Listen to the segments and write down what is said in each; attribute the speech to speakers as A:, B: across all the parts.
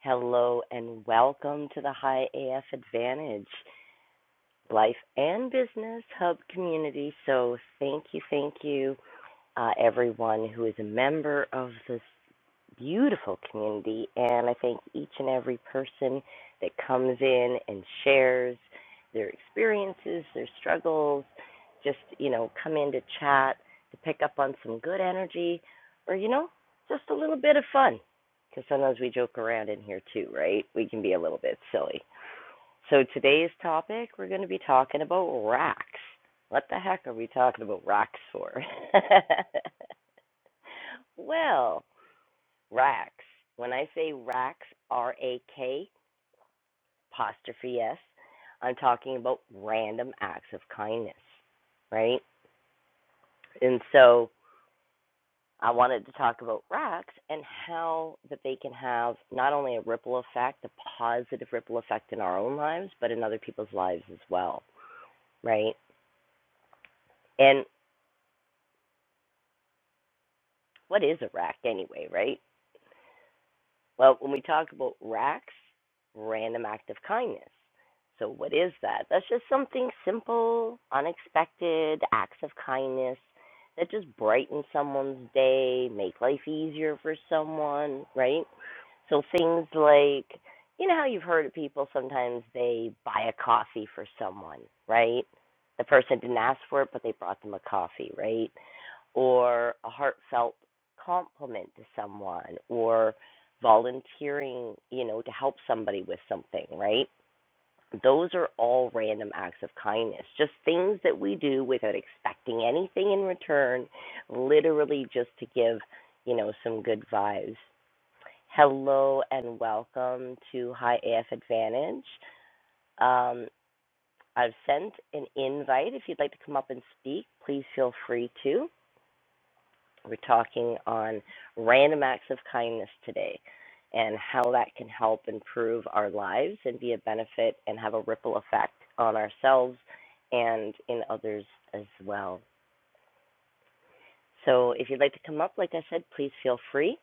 A: Hello and welcome to the High AF Advantage Life and Business Hub community. So, thank you, thank you uh, everyone who is a member of this beautiful community. And I thank each and every person that comes in and shares their experiences, their struggles, just, you know, come in to chat, to pick up on some good energy, or, you know, just a little bit of fun. Because sometimes we joke around in here too, right? We can be a little bit silly. So today's topic, we're going to be talking about rocks. What the heck are we talking about rocks for? well, racks. When I say racks, R A K apostrophe S, I'm talking about random acts of kindness, right? And so I wanted to talk about racks and how that they can have not only a ripple effect, a positive ripple effect in our own lives, but in other people's lives as well, right? And what is a rack anyway, right? Well, when we talk about racks, random act of kindness. So, what is that? That's just something simple, unexpected acts of kindness that just brighten someone's day, make life easier for someone, right? So, things like, you know how you've heard of people sometimes they buy a coffee for someone, right? The person didn't ask for it, but they brought them a coffee, right? Or a heartfelt compliment to someone, or volunteering, you know, to help somebody with something, right? Those are all random acts of kindness, just things that we do without expecting anything in return, literally just to give, you know, some good vibes. Hello and welcome to High AF Advantage. Um, I've sent an invite. If you'd like to come up and speak, please feel free to. We're talking on random acts of kindness today and how that can help improve our lives and be a benefit and have a ripple effect on ourselves and in others as well. So, if you'd like to come up, like I said, please feel free.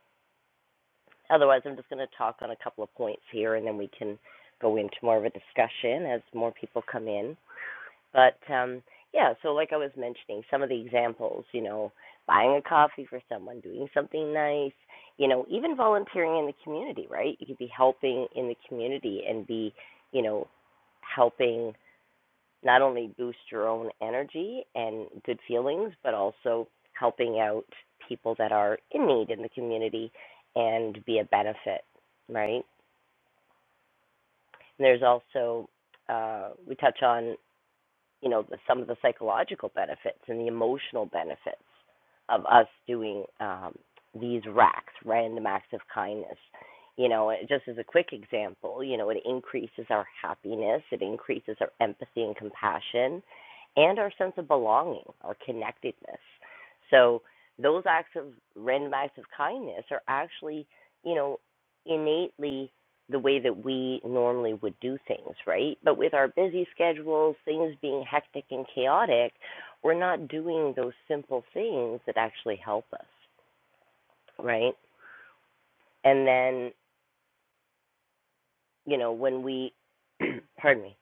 A: Otherwise, I'm just going to talk on a couple of points here and then we can go into more of a discussion as more people come in. But um, yeah, so like I was mentioning, some of the examples, you know, buying a coffee for someone, doing something nice, you know, even volunteering in the community, right? You could be helping in the community and be, you know, helping not only boost your own energy and good feelings, but also helping out people that are in need in the community and be a benefit, right? And there's also, uh, we touch on you know the, some of the psychological benefits and the emotional benefits of us doing um, these racks, random acts of kindness. You know, just as a quick example, you know, it increases our happiness, it increases our empathy and compassion, and our sense of belonging, our connectedness. So those acts of random acts of kindness are actually, you know, innately the way that we normally would do things, right? But with our busy schedules, things being hectic and chaotic, we're not doing those simple things that actually help us, right? And then, you know, when we, pardon me,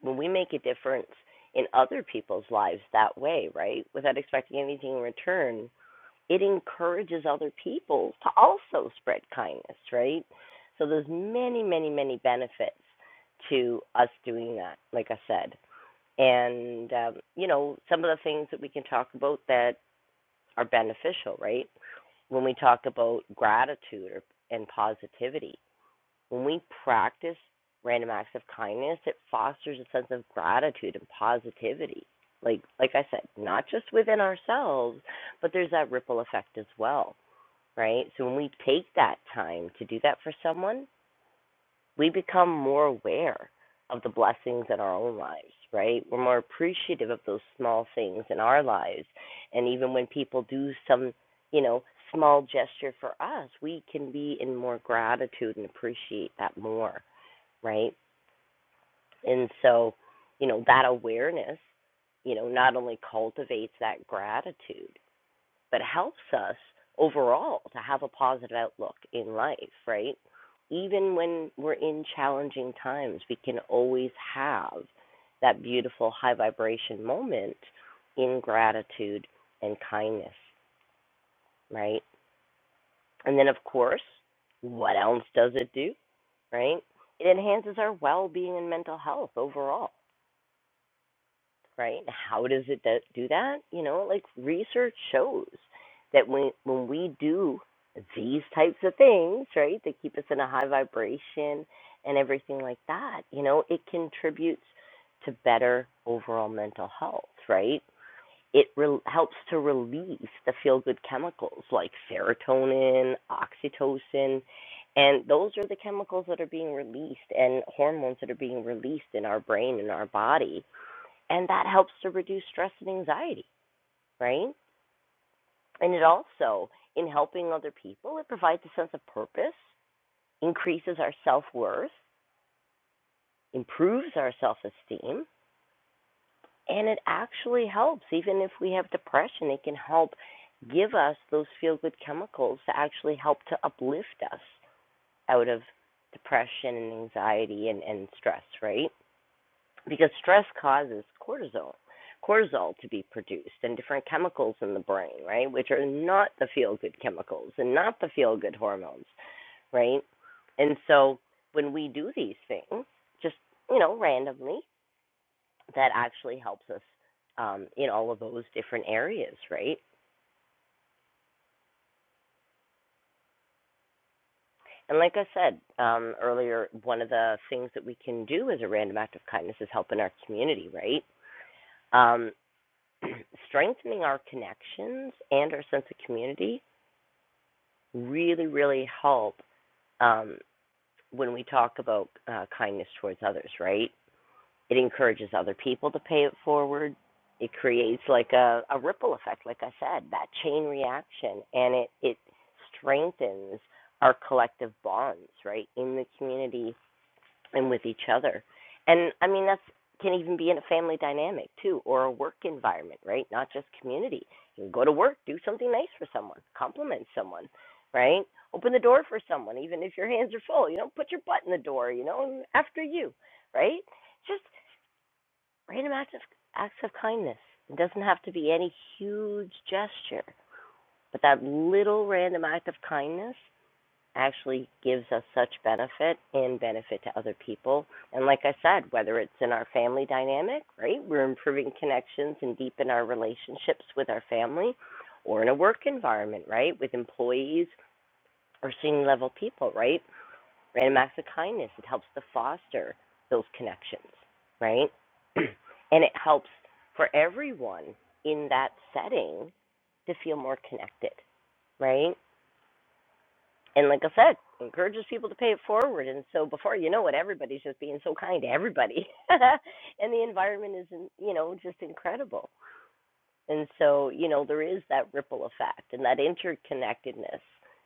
A: when we make a difference in other people's lives that way, right? Without expecting anything in return, it encourages other people to also spread kindness, right? So there's many, many, many benefits to us doing that, like I said. And, um, you know, some of the things that we can talk about that are beneficial, right? When we talk about gratitude or, and positivity, when we practice random acts of kindness, it fosters a sense of gratitude and positivity. Like, like I said, not just within ourselves, but there's that ripple effect as well right? So when we take that time to do that for someone, we become more aware of the blessings in our own lives, right? We're more appreciative of those small things in our lives. And even when people do some, you know, small gesture for us, we can be in more gratitude and appreciate that more, right? And so, you know, that awareness, you know, not only cultivates that gratitude, but helps us overall to have a positive outlook in life, right? Even when we're in challenging times, we can always have that beautiful high vibration moment in gratitude and kindness, right? And then, of course, what else does it do, right? It enhances our well being and mental health overall right? How does it do do that? You know, like research shows that when when we do these types of things, right, that keep us in a high vibration and everything like that, you know, it contributes to better overall mental health, right? It re- helps to release the feel good chemicals like serotonin, oxytocin, and those are the chemicals that are being released and hormones that are being released in our brain and our body and that helps to reduce stress and anxiety, right? And it also, in helping other people, it provides a sense of purpose, increases our self worth, improves our self esteem, and it actually helps. Even if we have depression, it can help give us those feel good chemicals to actually help to uplift us out of depression and anxiety and, and stress, right? because stress causes cortisol cortisol to be produced and different chemicals in the brain right which are not the feel good chemicals and not the feel good hormones right and so when we do these things just you know randomly that actually helps us um, in all of those different areas right and like i said um, earlier one of the things that we can do as a random act of kindness is help in our community right Um, strengthening our connections and our sense of community really, really help um, when we talk about uh, kindness towards others, right? It encourages other people to pay it forward. It creates like a, a ripple effect, like I said, that chain reaction, and it, it strengthens our collective bonds, right, in the community and with each other. And I mean, that's can even be in a family dynamic too, or a work environment, right? Not just community. You can go to work, do something nice for someone, compliment someone, right? Open the door for someone, even if your hands are full. You know, put your butt in the door. You know, after you, right? Just random acts of acts of kindness. It doesn't have to be any huge gesture, but that little random act of kindness actually gives us such benefit and benefit to other people. And like I said, whether it's in our family dynamic, right? We're improving connections and deepen our relationships with our family or in a work environment, right? With employees or senior level people, right? Random acts of kindness, it helps to foster those connections, right? and it helps for everyone in that setting to feel more connected, right? and like I said, encourages people to pay it forward. And so before you know it, everybody's just being so kind to everybody, and the environment is, you know, just incredible. And so you know there is that ripple effect, and that interconnectedness,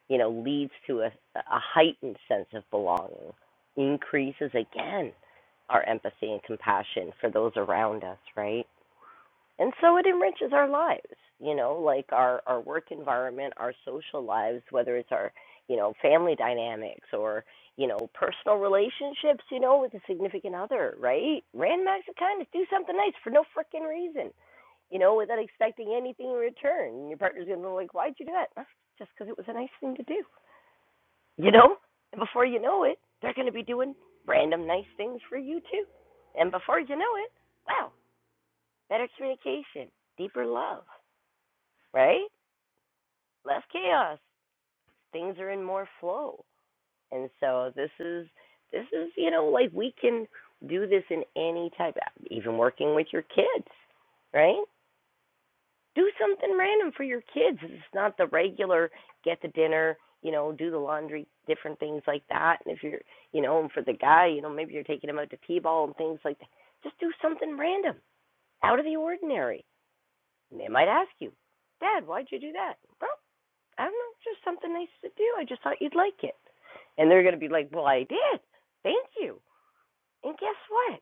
A: you know, leads to a, a heightened sense of belonging, increases again our empathy and compassion for those around us, right? and so it enriches our lives you know like our our work environment our social lives whether it's our you know family dynamics or you know personal relationships you know with a significant other right random acts of kindness do something nice for no freaking reason you know without expecting anything in return and your partner's gonna be like why'd you do that "Ah, just because it was a nice thing to do you know and before you know it they're gonna be doing random nice things for you too and before you know it wow better communication, deeper love, right? Less chaos. Things are in more flow. And so this is this is, you know, like we can do this in any type even working with your kids, right? Do something random for your kids. It's not the regular get the dinner, you know, do the laundry, different things like that. And if you're, you know, and for the guy, you know, maybe you're taking him out to T-ball and things like that. Just do something random, out of the ordinary And they might ask you, Dad, why'd you do that? Well, I don't know, just something nice to do. I just thought you'd like it. And they're going to be like, Well, I did. Thank you. And guess what?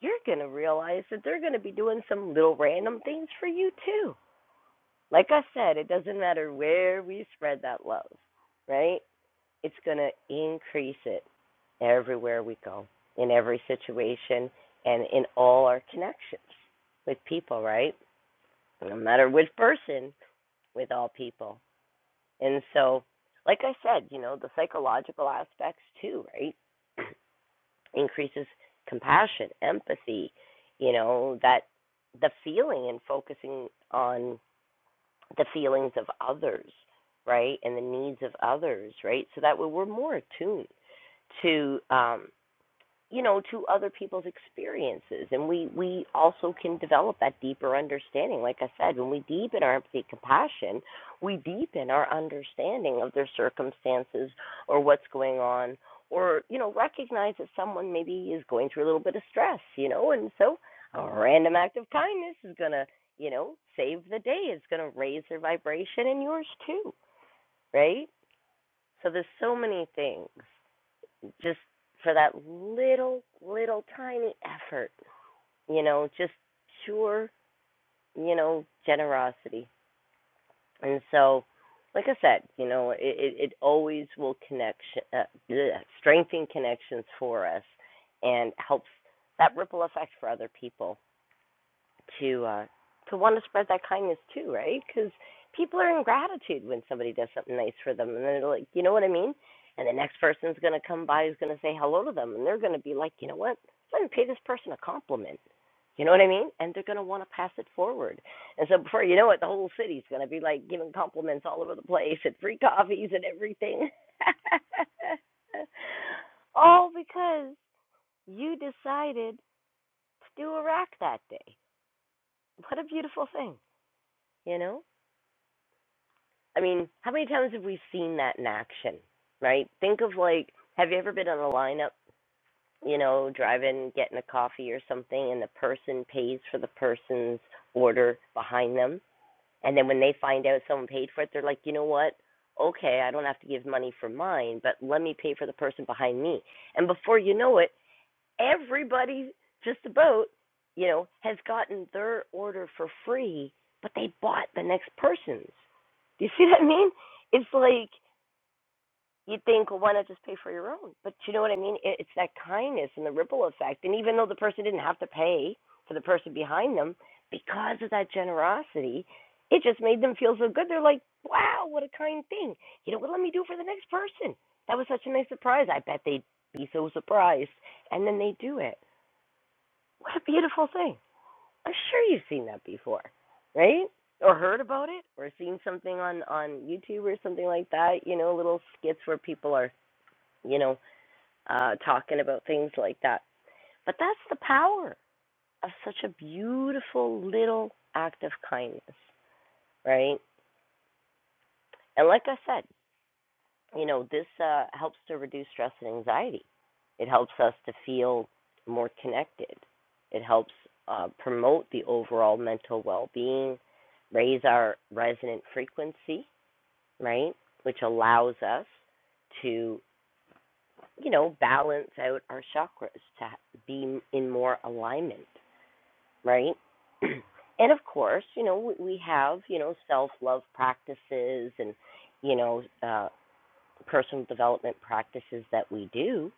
A: You're going to realize that they're going to be doing some little random things for you, too. Like I said, it doesn't matter where we spread that love, right? It's going to increase it everywhere we go, in every situation, and in all our connections with people, right? No matter which person, with all people. And so, like I said, you know, the psychological aspects too, right? Increases compassion, empathy, you know, that the feeling and focusing on the feelings of others, right? And the needs of others, right? So that we're we're more attuned to um, you know to other people's experiences and we we also can develop that deeper understanding like i said when we deepen our empathy and compassion we deepen our understanding of their circumstances or what's going on or you know recognize that someone maybe is going through a little bit of stress you know and so a random act of kindness is going to you know save the day it's going to raise their vibration and yours too right so there's so many things just for that little, little tiny effort, you know, just pure, you know, generosity. And so, like I said, you know, it, it, always will connection, uh, bleh, strengthen connections for us and helps that ripple effect for other people to uh to want to spread that kindness too, right? Because people are in gratitude when somebody does something nice for them, and they're like, you know what I mean? And the next person's gonna come by who's gonna say hello to them, and they're gonna be like, you know what? Let me pay this person a compliment. You know what I mean? And they're gonna want to pass it forward. And so before you know it, the whole city's gonna be like giving compliments all over the place and free coffees and everything. all because you decided to do a rack that day. What a beautiful thing. You know? I mean, how many times have we seen that in action, right? Think of like, have you ever been on a lineup, you know, driving, getting a coffee or something, and the person pays for the person's order behind them? And then when they find out someone paid for it, they're like, you know what? Okay, I don't have to give money for mine, but let me pay for the person behind me. And before you know it, everybody just about you know has gotten their order for free but they bought the next person's do you see what i mean it's like you think well why not just pay for your own but you know what i mean it, it's that kindness and the ripple effect and even though the person didn't have to pay for the person behind them because of that generosity it just made them feel so good they're like wow what a kind thing you know what let me do for the next person that was such a nice surprise i bet they'd be so surprised and then they do it what a beautiful thing. I'm sure you've seen that before, right? Or heard about it? Or seen something on on YouTube or something like that. You know, little skits where people are, you know, uh, talking about things like that. But that's the power of such a beautiful little act of kindness, right? And like I said, you know, this uh, helps to reduce stress and anxiety. It helps us to feel more connected. It helps uh, promote the overall mental well being, raise our resonant frequency, right? Which allows us to, you know, balance out our chakras, to be in more alignment, right? and of course, you know, we have, you know, self love practices and, you know, uh, personal development practices that we do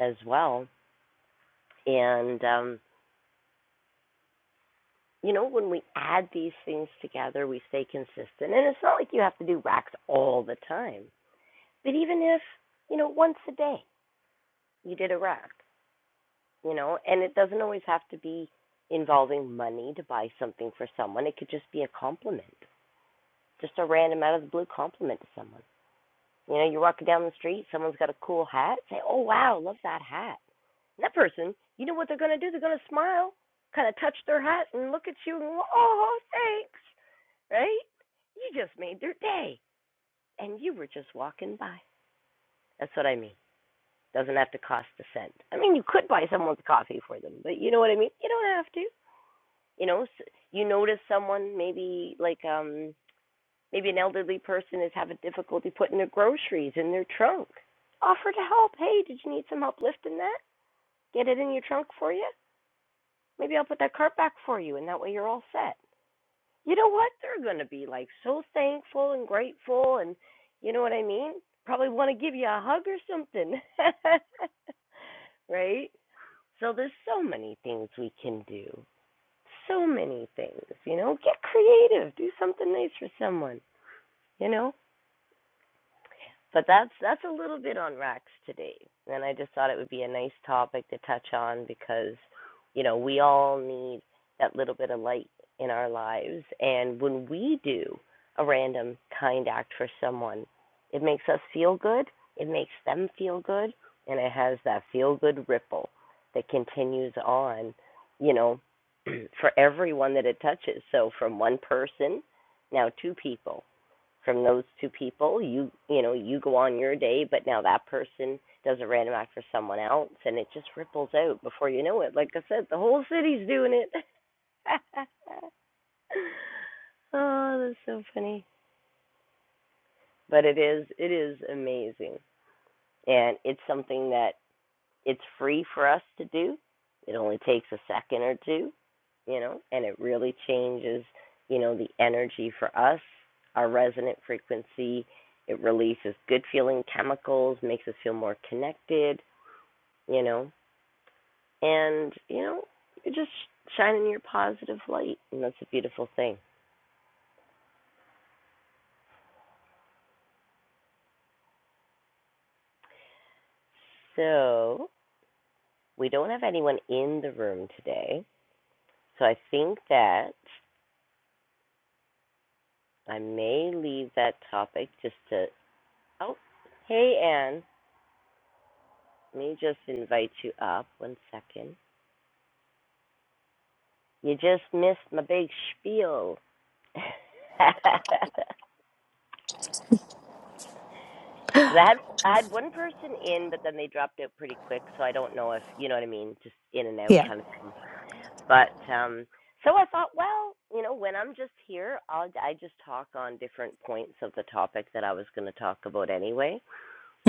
A: as well. And, um, you know, when we add these things together, we stay consistent. And it's not like you have to do racks all the time, but even if, you know, once a day you did a rack, you know, and it doesn't always have to be involving money to buy something for someone. It could just be a compliment, just a random out of the blue compliment to someone. You know, you're walking down the street, someone's got a cool hat. Say, oh, wow, love that hat. And that person, you know what they're going to do? They're going to smile, kind of touch their hat, and look at you and go, oh, thanks, right? You just made their day, and you were just walking by. That's what I mean. Doesn't have to cost a cent. I mean, you could buy someone's coffee for them, but you know what I mean? You don't have to. You know, you notice someone maybe like um Maybe an elderly person is having difficulty putting their groceries in their trunk. Offer to help. Hey, did you need some help lifting that? Get it in your trunk for you? Maybe I'll put that cart back for you, and that way you're all set. You know what? They're going to be like so thankful and grateful, and you know what I mean? Probably want to give you a hug or something. right? So there's so many things we can do. So many things, you know? Get creative. Do something nice for someone, you know? But that's that's a little bit on racks today, and I just thought it would be a nice topic to touch on because, you know, we all need that little bit of light in our lives, and when we do a random kind act for someone, it makes us feel good, it makes them feel good, and it has that feel good ripple that continues on, you know, for everyone that it touches. So from one person, now two people from those two people. You you know you go on your day, but now that person does a random act for someone else, and it just ripples out before you know it. Like I said, the whole city's doing it. oh, that's so funny. But it is it is amazing, and it's something that It's free for us to do. It only takes a second or two, you know, and it really changes, you know, the energy for us, our resonant frequency. It releases good feeling chemicals, makes us feel more connected, you know, and, you know, you're just shining your positive light, and that's a beautiful thing. So, we don't have anyone in the room today, so I think that I may leave that topic just to Oh, hey, Anne. Let me just invite you up. One second. You just missed my big spiel. Because I had I had one person in, but then they dropped out pretty quick, so I don't know if you know what I mean, just in and out
B: Yeah.
A: kind of thing. But um, so I thought, well, you know, when I'm just here, I'll I just talk on different points of the topic that I was going to talk about anyway,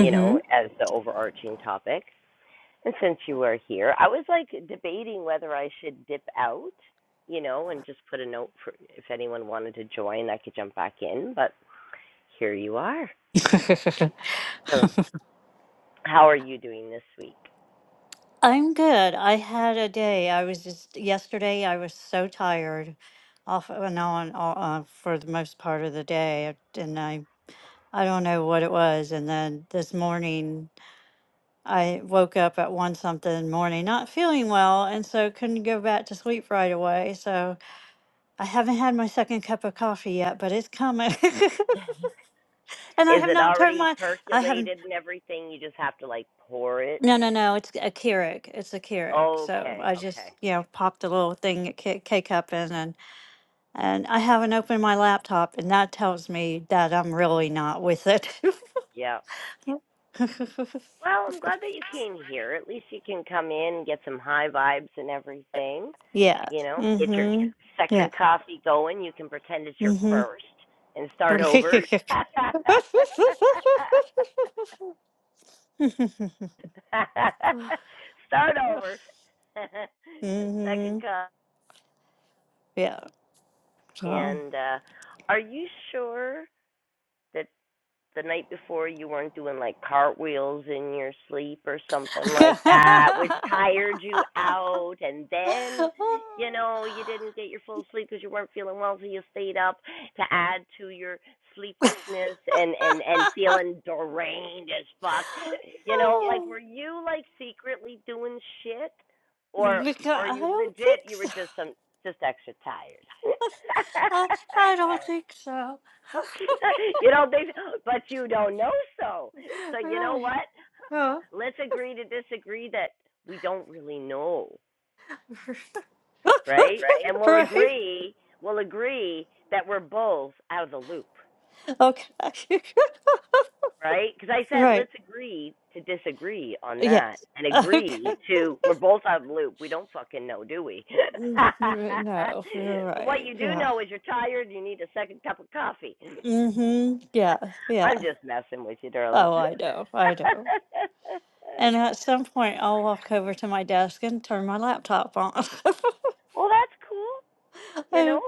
A: you know, as the overarching topic. And since you were here, I was like debating whether I should dip out, you know, and just put a note for if anyone wanted to join, I could jump back in. But here you are. So, how are you doing this week?
B: I'm good. I had a day. I was just yesterday. I was so tired, off and on all- uh, for the most part of the day, uh, and I I don't know what it was. And then this morning, I woke up at one something morning, not feeling well, and so couldn't go back to sleep right away. So I haven't had my second cup of coffee yet, but it's coming. and I
A: Is
B: have
A: it
B: not turned
A: already
B: my I have.
A: percolated and everything? You just have to like pour it.
B: No, no, no. It's a Keurig. It's a Keurig. So
A: Okay,
B: I just,
A: okay,
B: you know, popped a little thing, at K K cup in, and and I haven't opened my laptop, and that tells me that I'm really not with it.
A: yeah.
B: Yep.
A: Well, I'm glad that you came here. At least you can come in and get some high vibes and everything.
B: yeah.
A: You know, get your
B: Mhm. Yeah.
A: second coffee going. You can pretend it's your
B: Mhm.
A: first and start over. start over. second
B: mhm.
A: cup.
B: Yeah. So.
A: And uh, are you sure that the night before you weren't doing like cartwheels in your sleep or something like that, which tired you out, and then you know you didn't get your full sleep because you weren't feeling well, so you stayed up to add to your sleeplessness and and and feeling deranged as fuck. You know, like
B: Oh.
A: were you like secretly doing shit, or
B: Because
A: or
B: I
A: you
B: don't
A: legit
B: think
A: you were
B: so.
A: just some just extra tired?
B: I, I don't think so.
A: you don't think, but you don't know so. So you know
B: right.
A: what?
B: Oh.
A: Let's agree to disagree that we don't really know, right?
B: right?
A: And we'll
B: right.
A: agree, we'll agree that we're both out of the loop,
B: Okay.
A: right? Because I said
B: right.
A: let's agree to disagree on that
B: Yes.
A: and
B: Okay.
A: agree to we're both out of the loop. We don't fucking know, do we?
B: Mm, n- No, you're
A: but what
B: right.
A: you do
B: Yeah.
A: know is you're tired. You need a second cup of coffee.
B: Mm-hmm. Yeah. Yeah.
A: I'm just messing with you, darling.
B: Oh, I know. I know. And at some point, I'll walk over to my desk and turn my laptop on.
A: Well, that's cool. You
B: Uh,
A: know,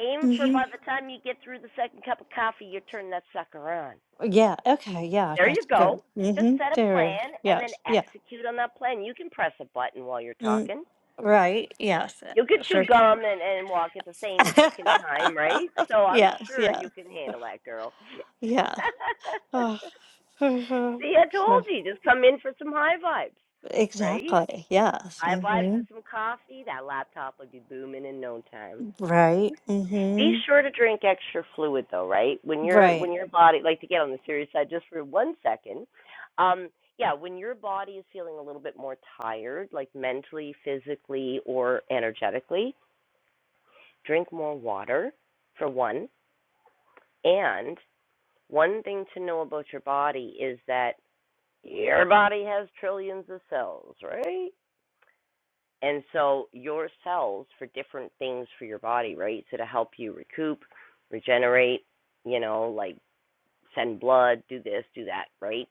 A: aim for by
B: Mhm.
A: the time you get through the second cup of coffee, you turn that sucker on.
B: Yeah. Okay. Yeah.
A: There you
B: That's
A: go.
B: good.
A: Just
B: Mm-hmm.
A: set a
B: There.
A: plan and then
B: Yes. Yeah.
A: execute on that plan. You can press a button while you're
B: Mm,
A: talking.
B: right. Yes.
A: You will get chew
B: Sure.
A: gum and, and walk at the same freaking time, right? So I'm
B: yes.
A: sure you
B: Yes.
A: can handle that, girl.
B: Yeah. Oh, mhm.
A: See, I told
B: So-
A: you, just come in for some high vibes, right?
B: Exactly. Yes.
A: High vibes
B: hmm
A: and some coffee. That laptop would be booming in no time.
B: Right.
A: Be
B: hmm
A: sure to drink extra fluid though, right? When your when
B: Right.
A: your body like to get on the serious side just for one second. Um yeah, when your body is feeling a little bit more tired, like mentally, physically, or energetically, drink more water for one. And one thing to know about your body is that your body has trillions of cells, right? And so your cells for different things for your body, right? So to help you recoup, regenerate, you know, like send blood, do this, do that, right?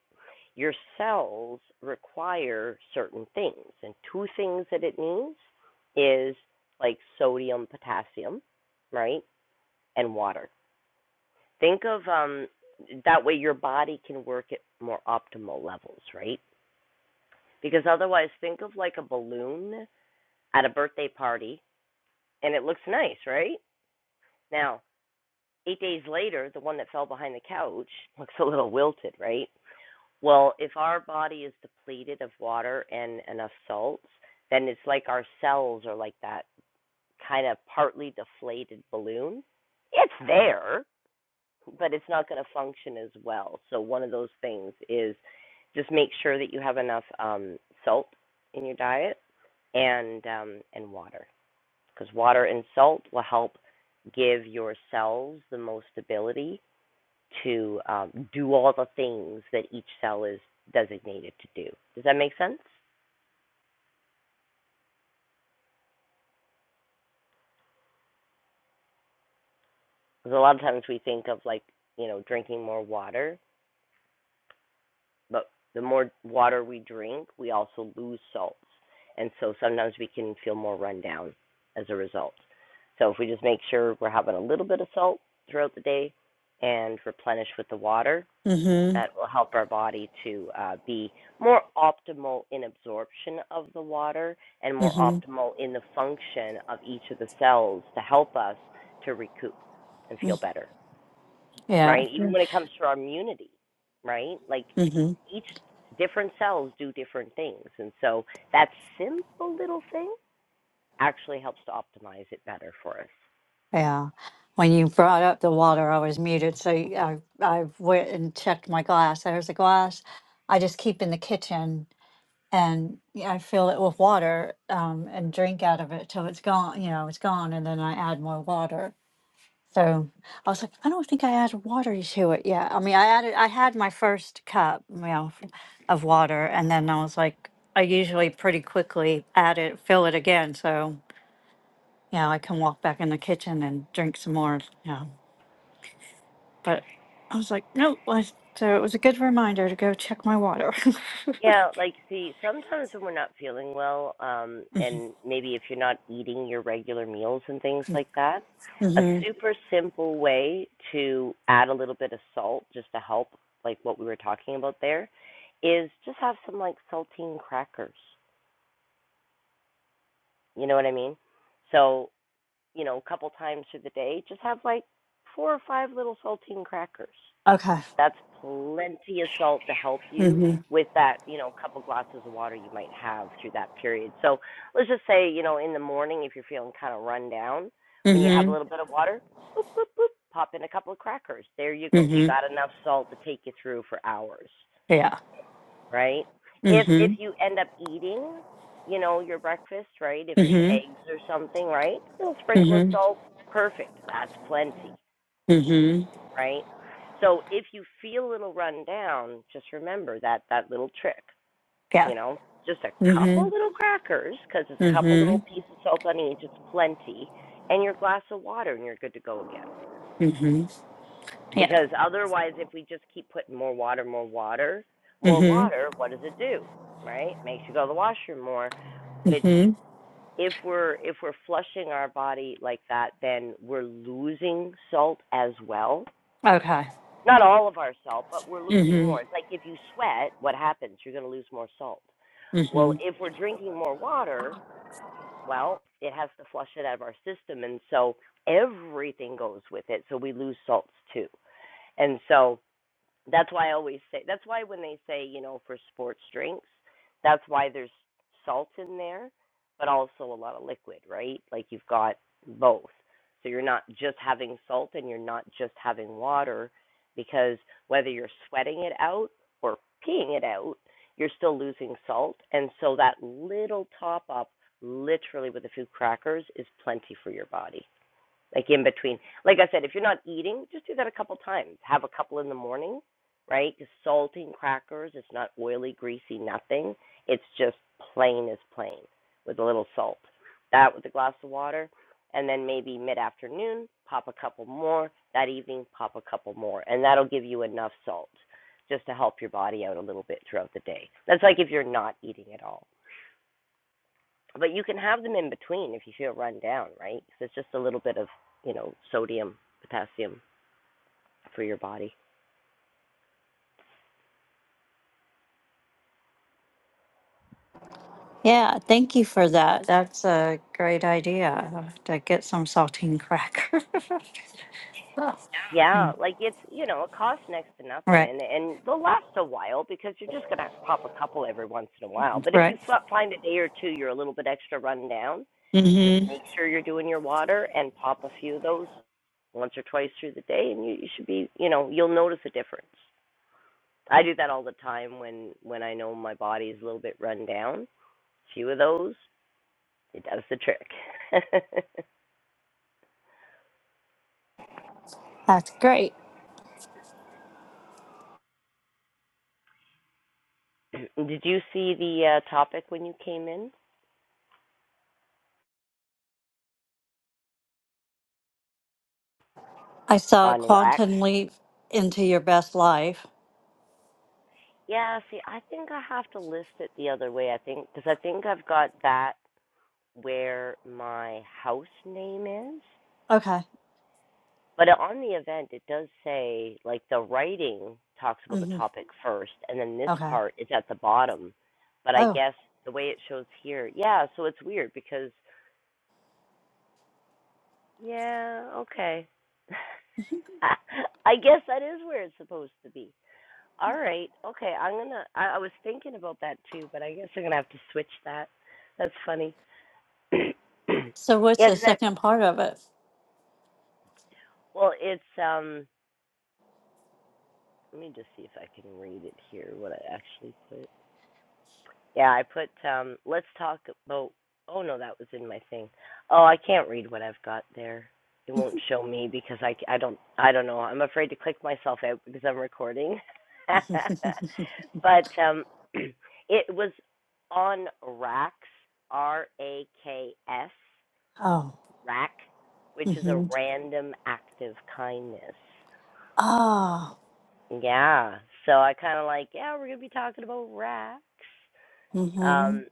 A: Your cells require certain things, and two things that it needs is like sodium, potassium, right? And water. Think of um that way your body can work at more optimal levels, right? Because otherwise think of like a balloon at a birthday party and it looks nice, right? Now, Eight days later, the one that fell behind the couch looks a little wilted, right? Well, if our body is depleted of water and enough salts, then it's like our cells are like that kind of partly deflated balloon. It's there, but it's not going to function as well. So, one of those things is just make sure that you have enough um, salt in your diet and um, and water because water and salt will help give your cells the most ability to um, do all the things that each cell is designated to do. Does that make sense? Because a lot of times we think of like, you know, drinking more water, but the more water we drink, we also lose salts. And so sometimes we can feel more run down as a result. So if we just make sure we're having a little bit of salt throughout the day and replenish with the water,
B: hmm
A: that will help our body to uh, be more optimal in absorption of the water and more
B: hmm
A: optimal in the function of each of the cells to help us to recoup and feel better,
B: Yeah.
A: right? Even when it comes to our immunity, right? Like
B: hmm
A: each different cells do different things. And so that simple little thing actually helps to optimize it better for us.
B: Yeah. When you brought up the water, I was muted, so y- I I went and checked my glass. There's a glass I just keep in the kitchen and yeah, I fill it with water um, and drink out of it till it's gone. You know, it's gone, and then I add more water. So I was like, I don't think I added water to it yet. I mean, I added, I had my first cup, you know, f- of water, and then I was like, I usually pretty quickly add it, fill it again, so you know, I can walk back in the kitchen and drink some more. You know, but I was like, nope. I, so it was a good reminder to go check my water.
A: Yeah, like see, sometimes when we're not feeling well, um, and maybe if you're not eating your regular meals and things like that, a
B: mm-hmm.
A: super simple way to add a little bit of salt just to help, like what we were talking about there, is just have some like saltine crackers. You know what I mean? So, you know, a couple times through the day, just have like four or five little saltine crackers.
B: Okay.
A: That's plenty of salt to help you
B: Mm-hmm.
A: with that, you know, couple glasses of water you might have through that period. So let's just say, you know, in the morning, if you're feeling kind of run down, when you have a
B: Mm-hmm.
A: little bit of water, boop, boop, boop, pop in a couple of crackers. There you go. You got enough salt to take you through for hours,
B: Yeah.
A: right?
B: hmm
A: If if you end up eating, you know, your breakfast, right? If it's
B: hmm
A: eggs or something, right? A little sprinkle of
B: hmm
A: salt, perfect. That's plenty
B: hmm
A: right? So if you feel a little run down, just remember that that little trick,
B: Yeah.
A: you know, just a couple
B: hmm
A: little crackers, because there's a
B: hmm
A: couple
B: hmm
A: little pieces of salt on each, it's plenty, and your glass of water, and you're good to go again.
B: Yeah.
A: Because otherwise, if we just keep putting more water, more water, more
B: hmm
A: water, what does it do? Right? Makes you go to the washroom more, which
B: hmm
A: if we're if we're flushing our body like that, then we're losing salt as well
B: Okay.
A: not all of our salt, but we're losing
B: hmm
A: more. It's like if you sweat, what happens? You're going to lose more salt. Well,
B: hmm
A: if we're drinking more water, well, it has to flush it out of our system. And so everything goes with it. So we lose salts too. And so that's why I always say that's why when they say, you know, for sports drinks, that's why there's salt in there, but also a lot of liquid, right? Like you've got both. So you're not just having salt and you're not just having water because whether you're sweating it out or peeing it out, you're still losing salt. And so that little top up literally with a few crackers is plenty for your body like in between. Like I said, if you're not eating, just do that a couple times. Have a couple in the morning, right? Just salting crackers. It's not oily, greasy, nothing. It's just plain as plain with a little salt. That with a glass of water, and then maybe mid afternoon, pop a couple more. That evening, pop a couple more, and that'll give you enough salt just to help your body out a little bit throughout the day. That's like if you're not eating at all. But you can have them in between if you feel run down, right? 'Cause it's just a little bit of, you know, sodium, potassium for your body.
B: Yeah, thank you for that. That's a great idea to get some saltine cracker.
A: Yeah, like it's, you know, it costs next to nothing
B: right,
A: and and they'll last a while because you're just going to pop a couple every once in a while. But if you
B: right.
A: find a day or two you're a little bit extra run down, just
B: hmm
A: make sure you're doing your water and pop a few of those once or twice through the day and you, you should be you know you'll notice a difference i do that all the time when when i know my body's a little bit run down a few of those It does the trick.
B: That's great.
A: Did you see the uh, topic when you came in
B: I saw
A: on Rex?
B: Quantum Leap into Your Best Life.
A: Yeah, see, I think I have to list it the other way. I think because I think I've got that where my house name is,
B: Okay.
A: but on the event it does say like the writing talks about the
B: hmm
A: topic first, and then this
B: Okay.
A: part is at the bottom. But I
B: Oh,
A: guess the way it shows here, yeah, so it's weird because yeah, okay. I guess that is where it's supposed to be. All right. Okay. I'm gonna. I, I was thinking about that too, but I guess I'm gonna have to switch that. That's funny. yeah,
B: so what's the
A: 'cause I.
B: second part of it?
A: Well, it's um. Let me just see if I can read it here. What I actually put. Yeah, I put um let's talk about oh no, that was in my thing. Oh, I can't read what I've got there. It won't show me because I. I do not I c- I don't I don't know. I'm afraid to click myself out because I'm recording. but um it was on Racks R A K S
B: oh.
A: Rack, which is a
B: Mm-hmm.
A: random active kindness.
B: Ah,
A: Yeah. So I kind of like, yeah, we're going to be talking about racks.
B: mm-hmm.
A: Um,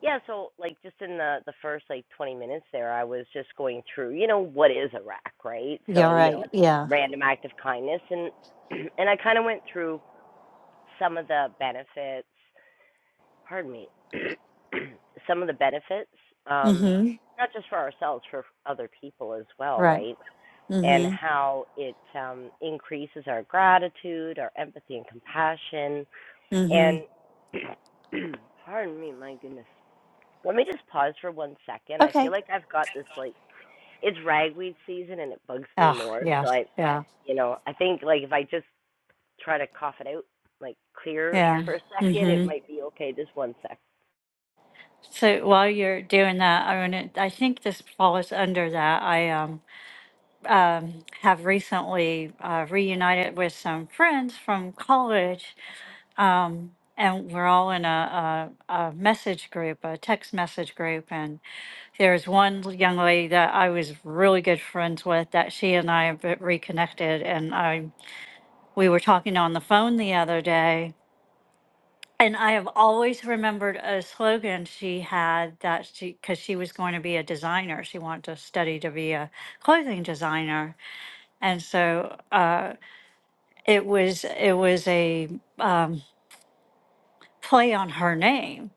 A: yeah, so like just in the the first like 20 minutes there, I was just going through, you know, what is Iraq, right?
B: You're
A: So, you know,
B: right.
A: it's
B: Yeah.
A: random act of kindness and and I kind of went through some of the benefits, pardon me, some of the benefits um
B: Mm-hmm.
A: not just for ourselves, for other people as well,
B: Right.
A: right? And
B: Mm-hmm.
A: how it um increases our gratitude, our empathy and compassion and
B: Mm-hmm.
A: pardon me, my goodness let me just pause for one second. I feel
B: Okay.
A: like I've got this like it's ragweed season and it bugs me
B: Ah,
A: more.
B: yeah.
A: So I,
B: Yeah.
A: you know, I think like if I just try to cough it out, like clear
B: Yeah.
A: for a second, it
B: Mm-hmm.
A: might be okay. Just one sec.
B: So while you're doing that, I mean, it, I think this falls under that. I um, um, have recently uh, reunited with some friends from college, um, and we're all in a, a, a message group, a text message group, and. There's one young lady that I was really good friends with that she and I have reconnected and I we were talking on the phone the other day and I have always remembered a slogan she had that she cuz she was going to be a designer she wanted to study to be a clothing designer and so uh it was it was a um play on her name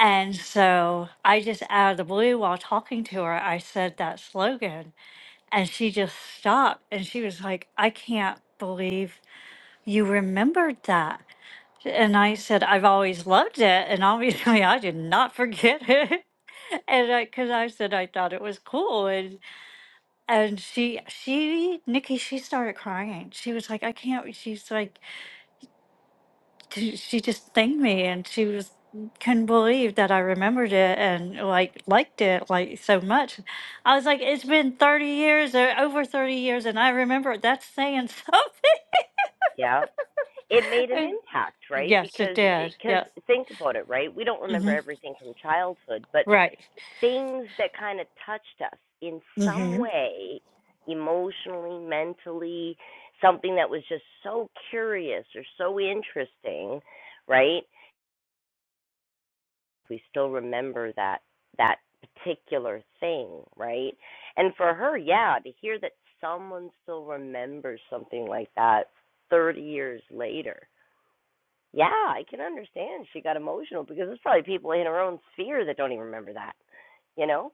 B: and so I just out of the blue while talking to her I said that slogan And she just stopped and she was like, I can't believe you remembered that. And I said, I've always loved it. And obviously, I did not forget it. And I, because I said I thought it was cool, and and she, she, Nikki, she started crying. She was like, "I can't." She's like, she she just thanked me and she was couldn't believe that I remembered it and like liked it like so much. I was like, it's been thirty years or over thirty years, and I remember it. That's saying
A: Yeah. It made an
B: something.
A: impact, right?
B: yes, it
A: Because
B: did.
A: because
B: Yes.
A: think about it, right? We don't remember
B: hmm
A: everything from childhood, but
B: Right.
A: things that kind of touched us in some
B: hmm
A: way emotionally mentally something that was just so curious or so interesting right we still remember that that particular thing right and for her yeah to hear that someone still remembers something like that 30 years later yeah i can understand she got emotional because there's probably people in her own sphere that don't even remember that you know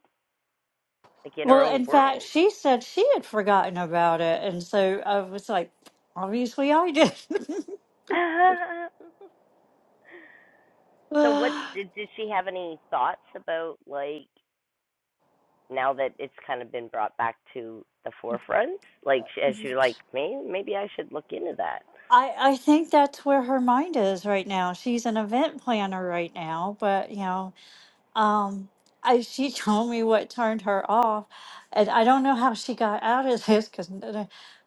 A: like in her
B: Well,
A: own
B: in fact,
A: world
B: she said she had forgotten about it, and so I was like, obviously, I did.
A: so what did, did she have any thoughts about like now that it's kind of been brought back to the forefront like sh- as you're like maybe maybe i should look into that
B: I I think that's where her mind is right now. She's an event planner right now, but you know. um, I, she told me what turned her off, and I don't know how she got out of this because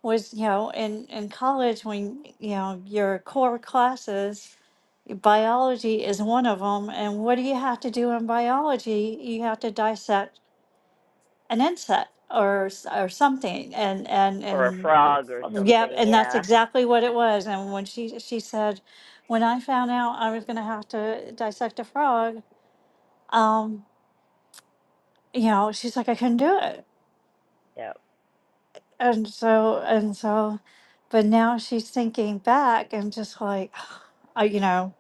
B: was you know in in college when you know your core classes, biology is one of them, and what do you have to do in biology? You have to dissect an insect or s- or something, and and
A: or a
B: and
A: frog or
B: yeah,
A: something
B: and that's
A: yeah
B: exactly what it was. And when she she said, when I found out I was going to have to dissect a frog. Um, you know, she's like, I couldn't do it.
A: yeah
B: And so, and so, but now she's thinking back and just like, I, you know,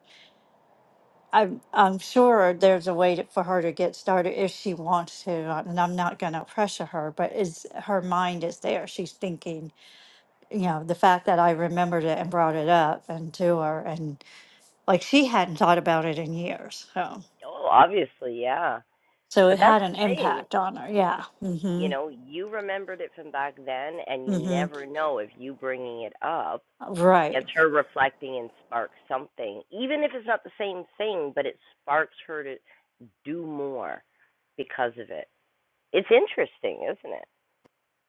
B: I'm, I'm sure there's a way to, for her to get started if she wants to. uh, And I'm not going to pressure her, but is her mind is there. She's thinking, you know, the fact that I remembered it and brought it up and to her and like she hadn't thought about it in years. So,
A: oh obviously yeah
B: so
A: but
B: it
A: that's
B: had
A: the
B: an
A: thing
B: impact on her. Yeah. Mm
A: you
B: hmm.
A: know you remembered it from back then and you
B: Mm
A: never know if you bringing it up
B: hmm. Right.
A: gets her reflecting and sparks something even if it's not the same thing but it sparks her to do more because of it It's interesting, isn't it?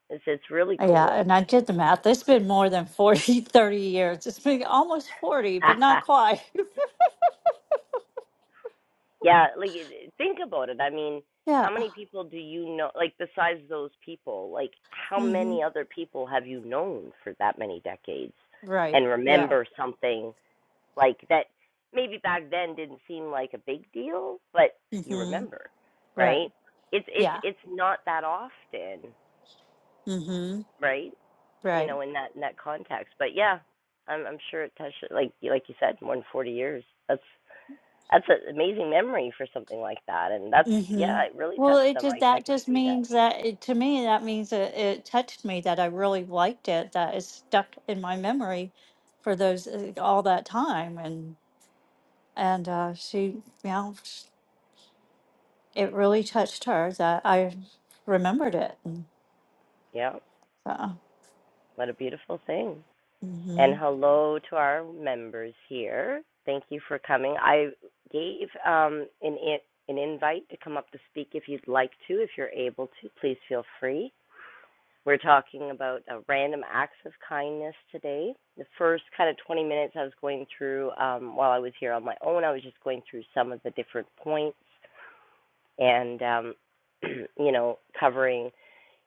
A: It's it's really
B: Yeah,
A: cool.
B: and I did the math. It's been more than 40, 30 years. It's been almost 40, but not quite.
A: yeah, like think about it. I mean,
B: Yeah.
A: how many people do you know? Like besides those people, like how
B: hmm
A: many other people have you known for that many decades and
B: Right. Yeah.
A: remember something like that? Maybe back then didn't seem like a big deal, but you
B: hmm
A: remember, right?
B: Right.
A: It's it's
B: Yeah.
A: it's not that often,
B: hmm
A: right? you
B: Right.
A: know, in that in that context. But yeah, I'm I'm sure it touched like like you said, more than 40 years. That's that's an amazing memory for something like that, and that's yeah,
B: hmm
A: it really
B: Well,
A: touched
B: it
A: them.
B: just
A: I I
B: that
A: can
B: just
A: see that.
B: means that it, to me that means it, it touched me that I really liked it that it stuck in my memory for those uh, all that time and and uh, she you know it really touched her that I remembered it and
A: Yeah,
B: so.
A: what a beautiful thing. And
B: hmm
A: hello to our members here. Thank you for coming. I gave um an an invite to come up to speak if you'd like to. If you're able to, please feel free. We're talking about uh, random acts of kindness today. The first kind of 20 minutes I was going through um, while I was here on my own, I was just going through some of the different points and, um, you know, covering,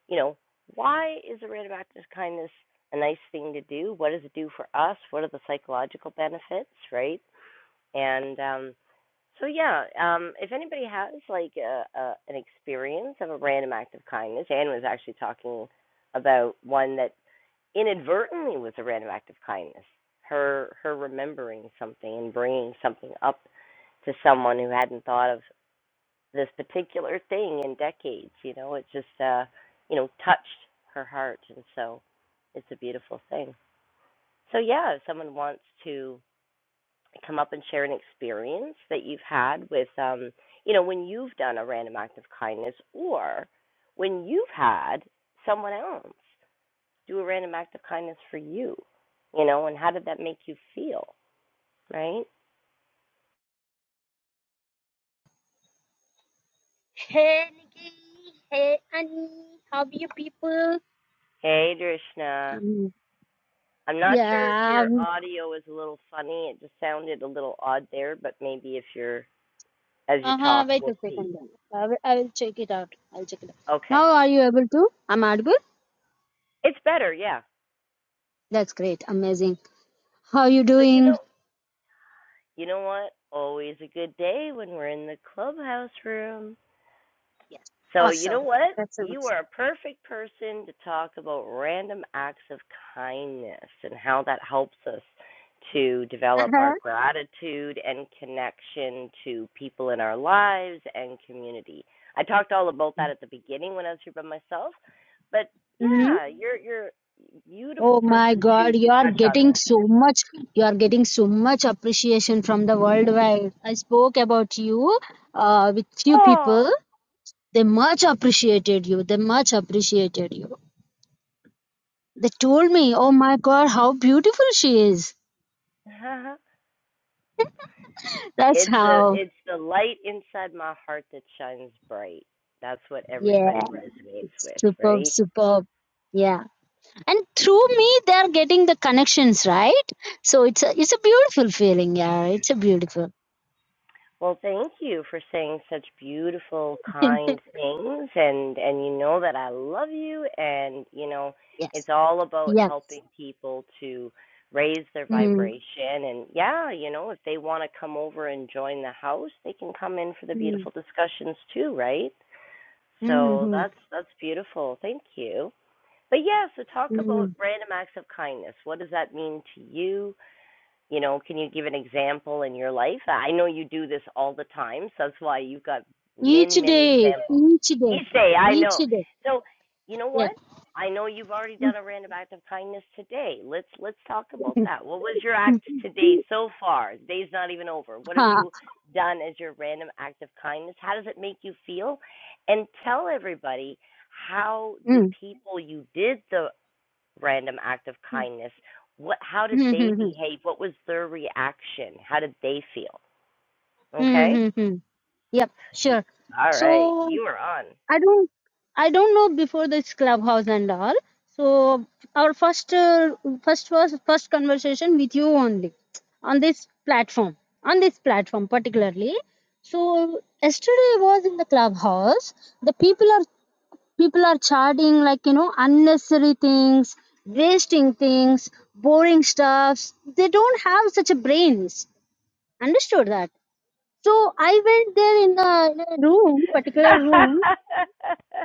A: you know, why is a random act of kindness a nice thing to do? What does it do for us? What are the psychological benefits, right? And um, so yeah, um, if anybody has like a, a an experience of a random act of kindness, Anne was actually talking about one that inadvertently was a random act of kindness. Her her remembering something and bringing something up to someone who hadn't thought of this particular thing in decades. You know, it just uh, you know touched her heart, and so it's a beautiful thing. So yeah, if someone wants to come up and share an experience that you've had with um you know when you've done a random act of kindness or when you've had someone else do a random act of kindness for you you know and how did that make you feel right
C: Hey Nikki, hey Annie, how are you people?
A: hey drishna
C: Um,
A: i'm not sure if
C: yeah,
A: your
C: um,
A: audio is a little funny it just sounded a little odd there but maybe if you're as you
C: uh-huh,
A: talk
C: wait
A: we'll
C: a
A: see
C: second then. I will, I will check it out. I'll check it out.
A: okay
C: Now are you able to? I'm audible?
A: it's better yeah
C: That's great, amazing. How are you
A: so you know
C: doing?
A: You know what? Always a good day when we're in the clubhouse room.
C: Yes,
A: So, you know
C: awesome.
A: what?
C: That's so
A: You
C: much.
A: are a perfect person to talk about random acts of kindness and how that helps us to develop
C: Uh-huh.
A: our gratitude and connection to people in our lives and community. I talked all about that at the beginning when I was here by myself, but
C: hmm
A: yeah, you're you're a beautiful
C: Oh my
A: person to
C: God, you
A: to
C: are
A: touch on
C: getting
A: that.
C: so much, you are getting so much appreciation from the worldwide. I spoke about you uh, with few people.
A: Oh,
C: They much appreciated you. They much appreciated you. They told me, oh my god, how beautiful she is. That's
A: It's a
C: how.
A: it's the light inside my heart that shines bright. That's what
C: Yeah.
A: everybody resonates with,
C: Superb,
A: right?
C: superb. Yeah. And through me they're getting the connections, right? So it's a it's a beautiful feeling, yeah. It's a beautiful.
A: Well, thank you for saying such beautiful, kind things and and you know that I love you and you know
C: yes.
A: it's all about
C: Yes.
A: helping people to raise their
C: Mm,
A: vibration and yeah, you know, if they want to come over and join the house, they can come in for the
C: mm,
A: beautiful discussions too, right?
C: mm,
A: So
C: mm,
A: that's that's beautiful. Thank you. But yeah, so talk about
C: mm.
A: random acts of kindness. What does that mean to you? You know, can you give an example in your life? I know you do this all the time, so that's why you've got
C: Each
A: many, many
C: day.
A: examples.
C: Each
A: You
C: day.
A: say, I
C: Each
A: know.
C: day.
A: So, you know
C: Yeah.
A: what? I know you've already done a random act of kindness today. Let's let's talk about that. What was your act today so far? The day's not even over. What have
C: Ha.
A: you done as your random act of kindness? How does it make you feel? And tell everybody how the
C: Mm.
A: people you did the random act of
C: Mm-hmm.
A: kindness what how did they
C: mm-hmm,
A: behave what was their reaction how did they feel okay
C: mm-hmm, mm-hmm. Yep, sure.
A: all right
C: So
A: you are on
C: I don't I don't know before this clubhouse and all. So our first uh, first was first conversation with you only on this platform on this platform particularly. So yesterday was in the clubhouse. The people are people are chatting like you know unnecessary things, wasting things, boring stuffs. They don't have such a brains. Understood that. So I went there in a, in a room, particular room,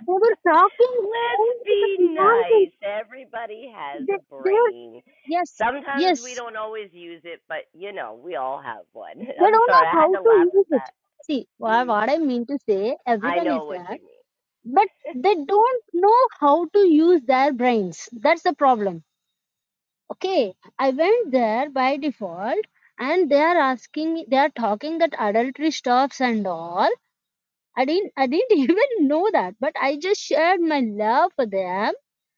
C: they were talking only
A: let's
C: to
A: be
C: the nonsense.
A: nice everybody has
C: They,
A: a
C: they were,
A: brain
C: yes,
A: sometimes we
C: yes.
A: don't always use it but you know we all have one
C: They
A: i'm
C: don't
A: sorry
C: know
A: i
C: how
A: had to
C: to
A: laugh at
C: use it.
A: that
C: See, wha- what I mean to say,
A: i
C: everyone is
A: know what
C: there,
A: you mean
C: but they don't know how to use their brains. That's the problem. Okay, I went there by default, and they are asking, they are talking that adultery stops and all I didn't I didn't even know that, but I just shared my love for them.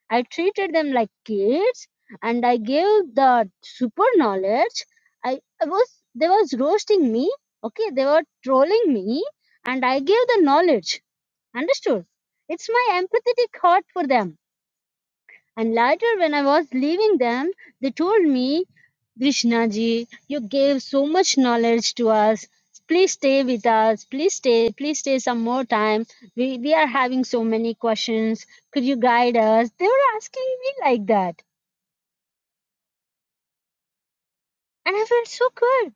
C: I treated them like kids and I gave the super knowledge. I, I was they was roasting me, okay, they were trolling me, and I gave the knowledge. Understood? It's my empathetic heart for them. And later when I was leaving them, they told me Krishna ji, you gave so much knowledge to us. Please stay with us. Please stay. Please stay some more time. We we are having so many questions. Could you guide us? They were asking me like that, and I felt so good.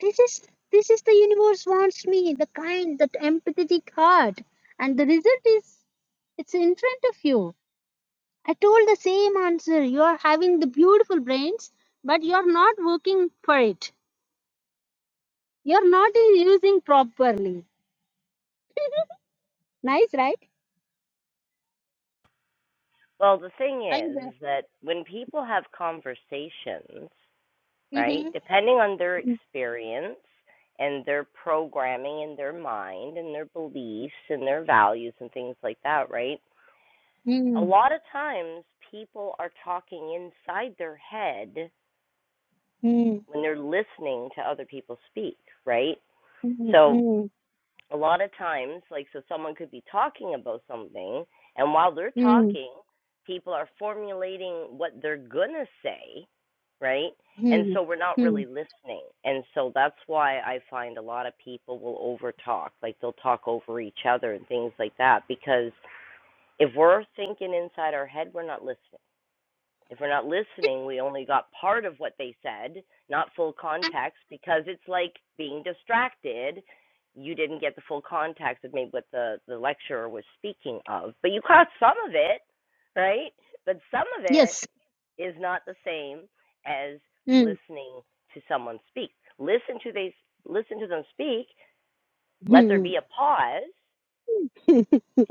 C: This is this is the universe wants me. The kind, that empathetic heart, and the result is it's in front of you. I told the same answer. You are having the beautiful brains, but you are not working for it. You are not using properly. Nice, right?
A: well the thing
C: Are you
A: is
C: there?
A: is that when people have conversations right?
C: Mm-hmm.
A: Depending on their experience and their programming and their mind and their beliefs and their values and things like that, right? A
C: Mm, mm,
A: lot of times people are talking inside their head
C: mm,
A: when they're listening to other people speak, right? So
C: mm,
A: a lot of times, like, so someone could be talking about something, and while they're
C: mm,
A: talking, people are formulating what they're gonna say, right? And
C: mm,
A: so we're not really
C: mm.
A: listening. And so that's why I find a lot of people will overtalk, like they'll talk over each other and things like that, because if we're thinking inside our head, we're not listening. If we're not listening, we only got part of what they said, not full context, because it's like being distracted. You didn't get the full context of maybe what the, the lecturer was speaking of, but you caught some of it, right? But some of it
C: Yes.
A: is not the same as
C: Mm,
A: listening to someone speak. Listen to they listen to them speak. Let there be
C: mm.
A: a pause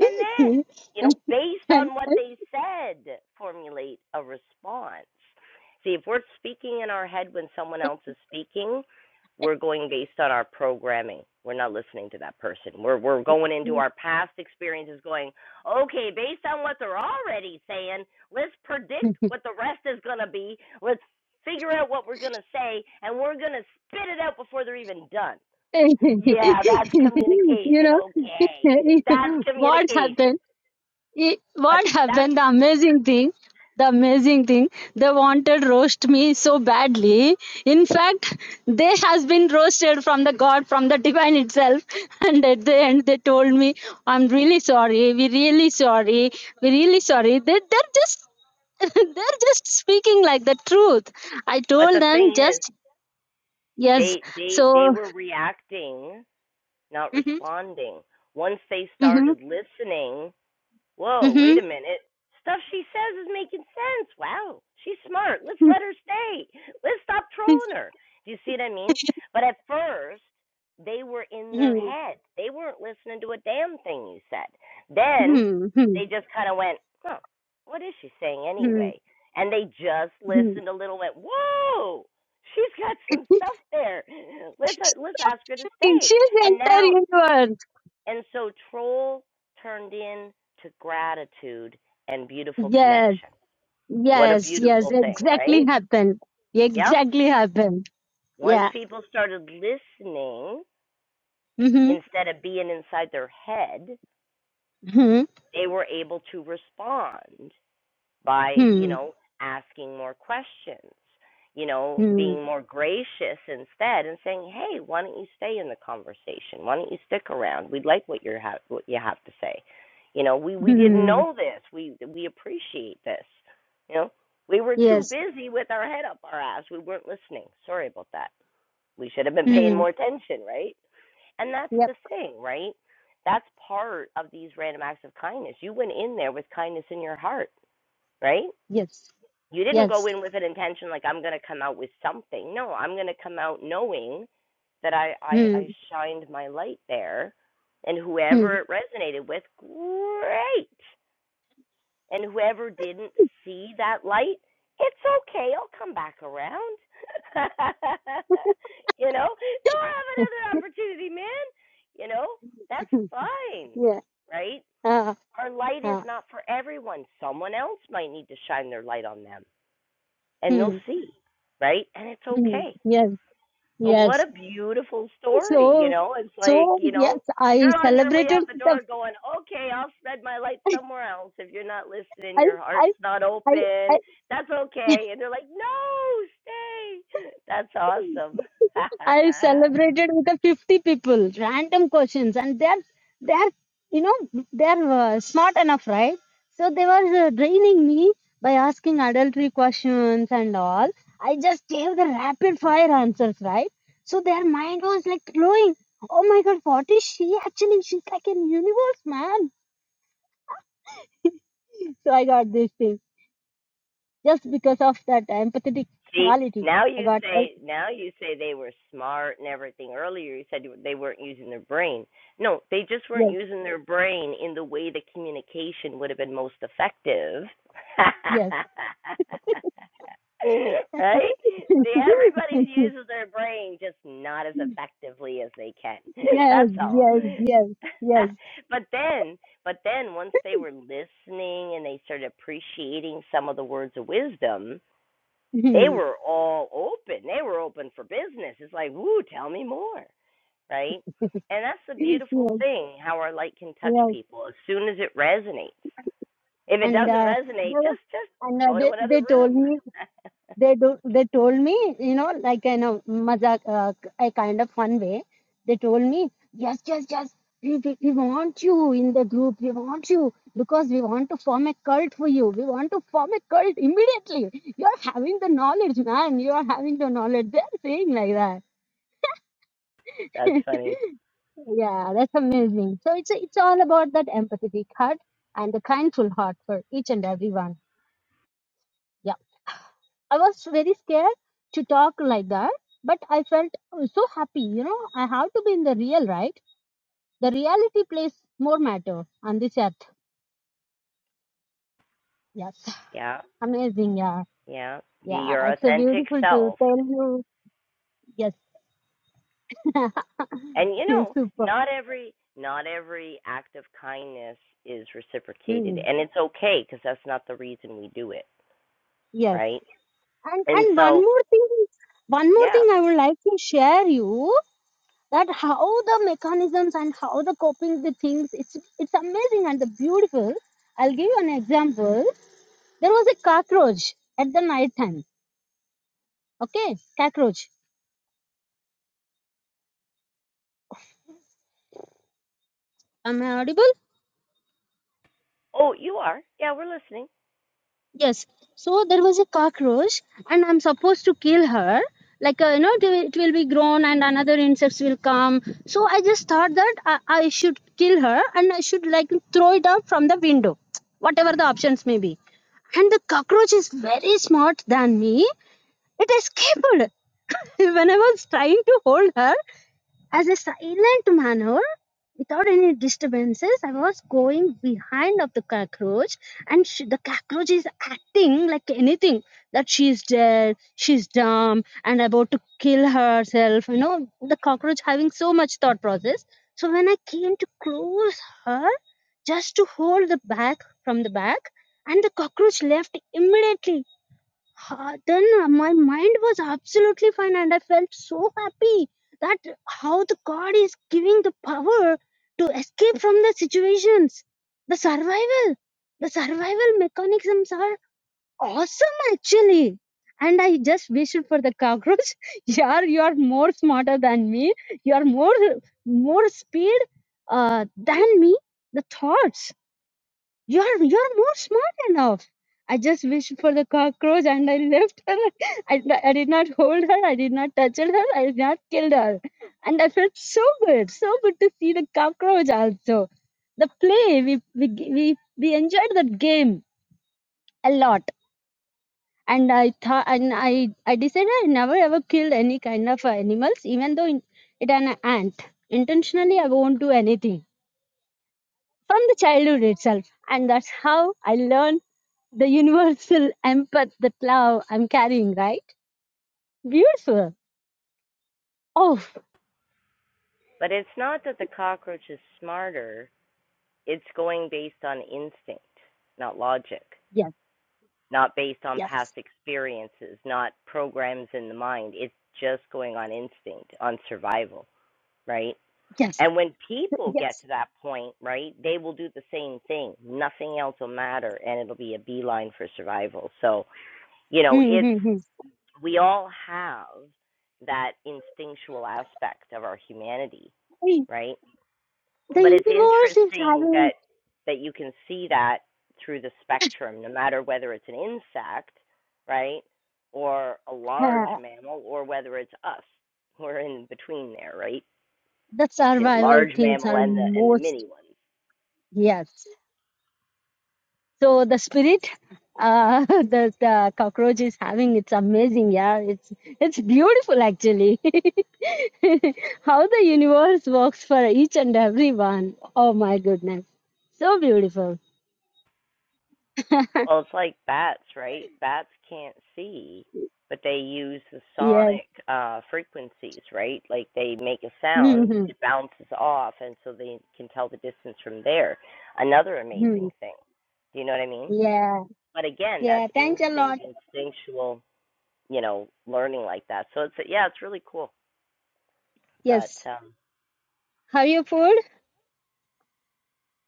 A: and then, you know, based
C: And-
A: on what they said, formulate a response. See, if we're speaking in our head when someone else is speaking, we're going based on our programming. We're not listening to that person. We're we're going into our past experiences going, "Okay, based on what they're already saying, let's predict what the rest is going to be. Let's figure out what we're going to say and we're going to spit it out before they're even done." Yeah, that's
C: you
A: communication.
C: know
A: Okay, that's
C: what happened?
A: communication.
C: it,
A: But
C: what
A: that's
C: happened the amazing thing the amazing thing they wanted roast me so badly in fact they has been roasted from the god from the divine itself and at the end they told me i'm really sorry we really sorry we really sorry they, they're just they're just speaking like the truth i
A: but
C: told
A: the
C: them
A: thing is,
C: just yes
A: they they they
C: so
A: were reacting, not
C: hmm
A: responding. Once they
C: hmm
A: started listening, Whoa, wait
C: hmm
A: a minute. Stuff she says is making sense. Wow, she's smart. Let's let her stay. Let's stop trolling her. Do you see what I mean? But at first, they were in their
C: hmm
A: head. They weren't listening to a damn thing you said. Then
C: hmm
A: they just kind of went, huh, what is she saying anyway?
C: hmm
A: And they just listened a little, and went, whoa, she's got some stuff there. Let's
C: She's
A: uh, let's ask her to stay.
C: the
A: And
C: entire
A: now
C: universe.
A: and so troll turned in to gratitude and beautiful
C: Yes,
A: connection. What a
C: yes, yes.
A: beautiful thing, right?
C: Exactly happened.
A: Yep.
C: Exactly happened.
A: Once
C: Yeah.
A: people started listening
C: Mm-hmm.
A: instead of being inside their head,
C: Hmm.
A: they were able to respond by, you
C: Hmm.
A: know, asking more questions, you know,
C: Hmm.
A: being more gracious instead and saying, "Hey, why don't you stay in the conversation? Why don't you stick around? We'd like what you're ha- what you have to say. You know, we we didn't
C: Hmm.
A: know this. We we appreciate this. You know, we were too
C: Yes.
A: busy with our head up our ass. We weren't listening. Sorry about that. We should have been paying
C: Hmm.
A: more attention, right? And that's
C: Yep.
A: the thing, right? That's part of these random acts of kindness. You went in there with kindness in your heart, right?
C: Yes.
A: You didn't go
C: Yes.
A: in with an intention like I'm going to come out with something. No, I'm going to come out knowing that I, I
C: Hmm.
A: I shined my light there, and
C: Hmm.
A: whoever it resonated with, great. And whoever didn't see that light, it's okay. I'll come back around. you know, they'll have another opportunity, man. You know, that's fine,
C: yeah.
A: right?
C: Ah.
A: Our light is
C: Ah.
A: not for everyone. Someone else might need to shine their light on them and they'll
C: hmm.
A: see, right? And it's
C: Hmm.
A: okay.
C: Yes.
A: But what
C: Yes.
A: a beautiful story, you
C: So.
A: know? It's like,
C: So
A: you
C: yes,
A: know,
C: I
A: you're on your way
C: celebrated
A: out the
C: the.
A: door going, okay, I'll spread my light somewhere else. If you're not listening,
C: I.
A: your heart's
C: I.
A: not
C: I.
A: open.
C: I.
A: That's okay. And they're like, no, stay. That's awesome.
C: I celebrated with the 50 people, random questions, and they're they're you know they're uh, smart enough, right? So they were uh, draining me by asking adultery questions and all. I just gave the rapid fire answers, right? So their mind was like glowing. Oh my god, what is she actually? She's like an universe, man. So I got this thing just because of that empathetic
A: See,
C: quality.
A: now
C: I
A: you
C: got uh,
A: say now you say they were smart and everything. Earlier you said they weren't using their brain. No, they just weren't
C: yes,
A: using their brain in the way the communication would have been most effective. right? See, everybody
C: yes.
A: uses their brain just not as effectively as they can.
C: yes,
A: That's all.
C: yes, yes, yes,
A: but then, but then once they were listening and they started appreciating some of the words of wisdom, they were all open. They were open for business. It's like, woo, tell me more, right? And that's the beautiful
C: yes,
A: thing how our light can touch
C: yes.
A: people as soon as it resonates. If it
C: And
A: doesn't
C: uh, they
A: resonate,
C: were-
A: just just
C: and uh,
A: go to
C: they
A: another
C: they told
A: room.
C: me they do they told me you know like in a mazak uh, a kind of fun way. They told me yes, yes, yes. We, we, we want you in the group. We want you because we want to form a cult for you. We want to form a cult immediately. You're having the knowledge, man. You're having the knowledge. They're saying like that.
A: that's funny.
C: Yeah, that's amazing. So it's it's all about that empathetic heart and the kindful heart for each and everyone. Yeah, I was very scared to talk like that, but I felt uh, so happy. You know, I have to be in the real, right? The reality plays more matter on this earth. Yes,
A: Yeah.
C: amazing. Yeah,
A: Yeah. Be
C: yeah,
A: your
C: it's a
A: authentic
C: beautiful to
A: self.
C: tell you. Yes,
A: And you know,
C: super.
A: not every not every act of kindness is reciprocated
C: Mm,
A: and it's okay because that's not the reason we do it,
C: Yes,
A: right?
C: and
A: And
C: and one
A: so,
C: more thing, one more
A: yeah,
C: thing I would like to share you. that how the mechanisms and how the coping the things it's it's amazing and the beautiful i'll give you an example there was a cockroach at the night time okay cockroach am i audible
A: Oh, you are. Yeah, we're listening.
C: yes so there was a cockroach and i'm supposed to kill her like uh, you know it will it will be grown and another insects will come so i just thought that I, I should kill her and i should like throw it out from the window whatever the options may be and the cockroach is very smart than me It escaped when I was trying to hold her as a silent manner without any disturbances. I was going behind of the cockroach, and she, the cockroach is acting like anything that she is dead, she's dumb, and about to kill herself. You know, the cockroach having so much thought process. So when I came to close her, just to hold the back from the back, and the cockroach left immediately ha- then uh, my mind was absolutely fine and i felt so happy that how the god is giving the power to escape from the situations the survival the survival mechanisms are awesome actually and i just wished for the cockroach yeah you are more smarter than me you are more more speed uh, than me the thoughts you're you're more smart enough. I just wished for the cockroach and I left her. I, I did not hold her. I did not touch her. I did not kill her. And I felt so good, so good to see the cockroach also. The play we we we, we enjoyed that game a lot. And I thought and I I decided I never ever killed any kind of uh, animals, even though in, it an ant. Intentionally, I won't do anything from the childhood itself, and that's how I learned the universal empath that love I'm carrying, right? Beautiful. Oh,
A: But it's not that the cockroach is smarter. It's going based on instinct, not logic,
C: yes,
A: not based on past
C: yes,
A: experiences, not programs in the mind. It's just going on instinct, on survival, right?
C: yes,
A: And when people get
C: yes.
A: to that point, right, they will do the same thing. Nothing else will matter, and it'll be a beeline for survival. So, you know, it's
C: Mm-hmm.
A: we all have that instinctual aspect of our humanity, right?
C: The
A: but it's
C: universe is
A: interesting that
C: having
A: that you can see that through the spectrum no matter whether it's an insect right or a large
C: uh,
A: mammal or whether it's us we're in between there right
C: the
A: between the
C: survival
A: large
C: things
A: mammal
C: are
A: and the and the
C: most,
A: mini ones
C: yes. So the spirit, uh, the, the cockroach is having, it's amazing, yeah. It's, it's beautiful actually. How the universe works for each and every one. Oh my goodness. So beautiful.
A: well it's like bats right bats can't see but they use the
C: Yes.
A: sonic uh frequencies right like they make a sound
C: Hmm.
A: it bounces off and so they can tell the distance from there another
C: hmm
A: amazing thing do you know what i mean
C: Yeah,
A: but again,
C: yeah,
A: that's
C: thanks a
A: instinct,
C: lot.
A: instinctual, you know, learning like that. So it's yeah, it's really cool. But
C: Yes.
A: um
C: Have you food?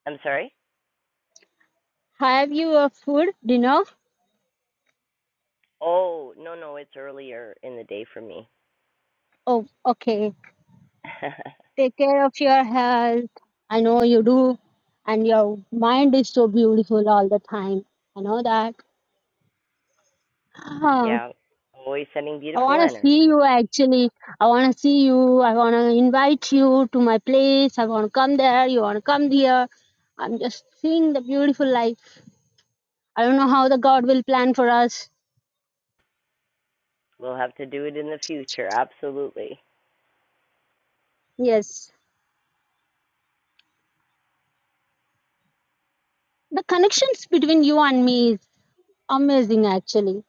A: I'm sorry.
C: Have you a food dinner?
A: Oh no, no, it's earlier in the day for me.
C: Oh, okay. Take care of your health. I know you do. And your mind is so beautiful all the time. I know that. Ah,
A: yeah, always sending
C: I
A: beautiful
C: want to see
A: energy.
C: you actually. I want to see you. I want to invite you to my place. I want to come there. You want to come here. I'm just seeing the beautiful life. I don't know how the God will plan for us.
A: We'll have to do it in the future. Absolutely,
C: Yes. The connections between you and me is amazing actually.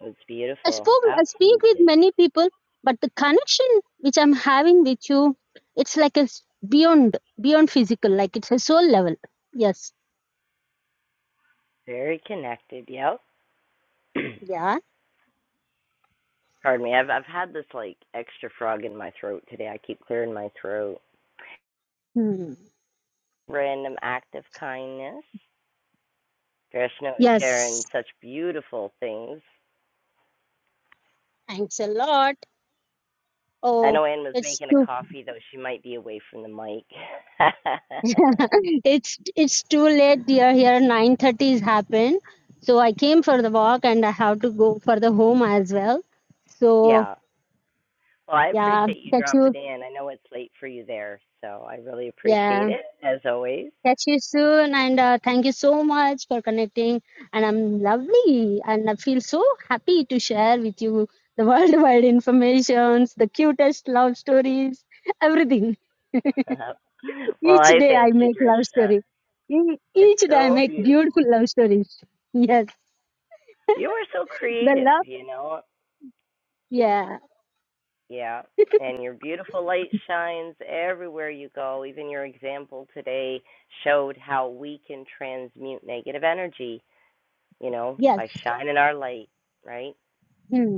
A: it's
C: I
A: beautiful.
C: spoke I speak with
A: Absolutely,
C: many people, but the connection which I'm having with you, it's like a s- beyond beyond physical, like it's a soul level. Yes.
A: very connected. Yep.
C: Yeah.
A: Pardon me. I've I've had this like extra frog in my throat today. I keep clearing my throat.
C: Hmm.
A: Random act of kindness. Gershno is sharing
C: Yes.
A: such beautiful things.
C: Thanks a lot.
A: I
C: Oh,
A: know Anne was
C: it's
A: making a
C: too
A: coffee, though she might be away from the mic.
C: it's it's too late dear here 9:30 is happened so i came for the walk and i have to go for the home as well so
A: yeah. Well, I
C: yeah
A: appreciate you
C: catch
A: dropping
C: you
A: in. I know it's late for you there, so I really
C: yeah
A: appreciate it, as always.
C: Catch you soon, and uh, thank you so much for connecting. And I'm lovely, and I feel so happy to share with you the worldwide informations, the cutest love stories, everything.
A: well,
C: Each
A: I
C: day
A: thank
C: I
A: you,
C: make love
A: Drishna.
C: story. E-
A: It's
C: Each day I
A: so
C: make
A: beautiful.
C: beautiful love stories. Yes,
A: You are so
C: the
A: creative,
C: love.
A: you know.
C: Yeah,
A: Yeah. And your beautiful light shines everywhere you go. Even your example today showed how we can transmute negative energy, you know,
C: yes.
A: by shining our light, right?
C: Hmm.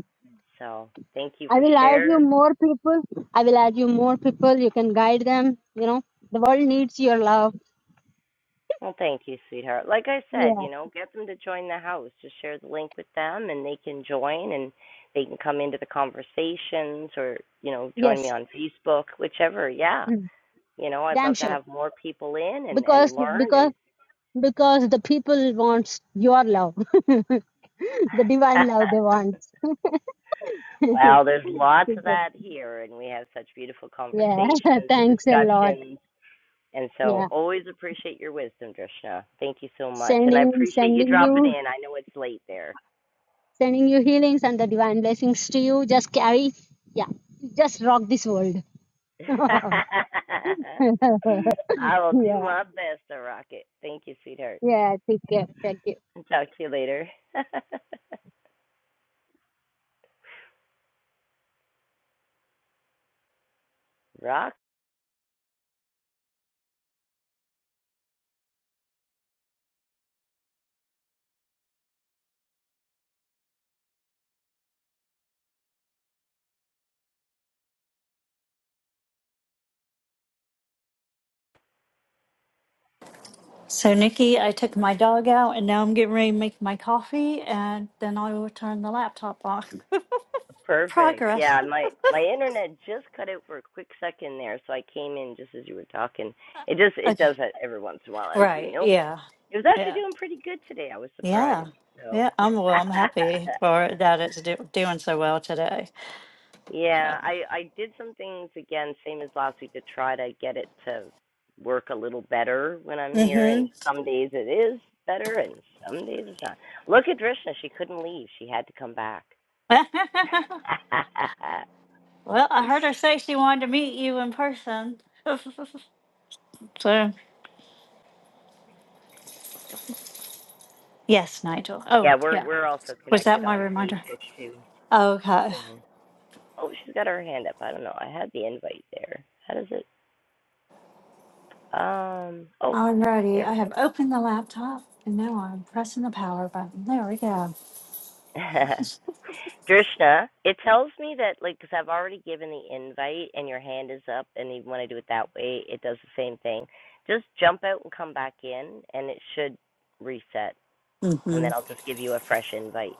A: So thank you
C: I
A: for
C: will add
A: sharing.
C: you more people. I will add you more people. You can guide them. You know, the world needs your love.
A: Well, thank you, sweetheart. Like I said,
C: Yeah.
A: you know, get them to join the house. Just share the link with them and they can join and they can come into the conversations or, you know, join me
C: Yes.
A: on Facebook, whichever. Yeah.
C: Hmm.
A: You know, I'd
C: Damn
A: love to
C: sure.
A: have more people in and,
C: because
A: and learn and.
C: because because the people wants your love the divine love they want
A: well, there's lots of
C: Super.
A: that here, and we have such beautiful
C: yeah
A: conversations and
C: thanks a lot
A: discussions. And so,
C: yeah
A: always appreciate your wisdom, Drishna. Thank you so much. And I
C: sending
A: appreciate you
C: sending
A: dropping
C: you
A: in. I know it's late there.
C: sending you healings and the divine blessings to you just carry yeah just rock this world
A: I will do
C: yeah
A: my best to rock it. Thank you, sweetheart.
C: yeah take care thank you
A: Talk to you later. rock?
B: So, Nikki, I took my dog out and now I'm getting ready to make my coffee and then I will turn the laptop on.
A: Perfect.
B: Progress.
A: Yeah, my my internet just cut out for a quick second there, so I came in just as you were talking. It just it
B: Okay.
A: does that every once in a while, as we
B: Right.
A: know.
B: Yeah.
A: It was actually
B: Yeah.
A: doing pretty good today. I was
B: Yeah.
A: surprised. So,
B: Yeah. I'm well, I'm happy for that it's do- doing so well today. So.
A: yeah, I I did some things again, same as last week, to try to get it to work a little better when I'm here. And
B: hmm
A: some days it is better, and some days it's not. Look at Drishna; she couldn't leave; she had to come back.
B: well, I heard her say she wanted to meet you in person. so, yes, Nigel. Oh,
A: yeah, we're
B: yeah.
A: we're also
B: Was
A: connected
B: that my
A: on
B: reminder?
A: Facebook too.
B: Okay.
A: So, oh, she's got her hand up. I don't know. I had the invite there. How does it? Um. Oh,
B: Alrighty,
A: there
B: I
A: we
B: have opened the laptop and now I'm pressing the power button. There we go.
A: go. Drishna, it tells me that like because 'cause I've already given the invite and your hand is up, and even when I do it that way, it does the same thing. Just jump out and come back in, and it should reset, and
B: hmm
A: then I'll just give you a fresh invite.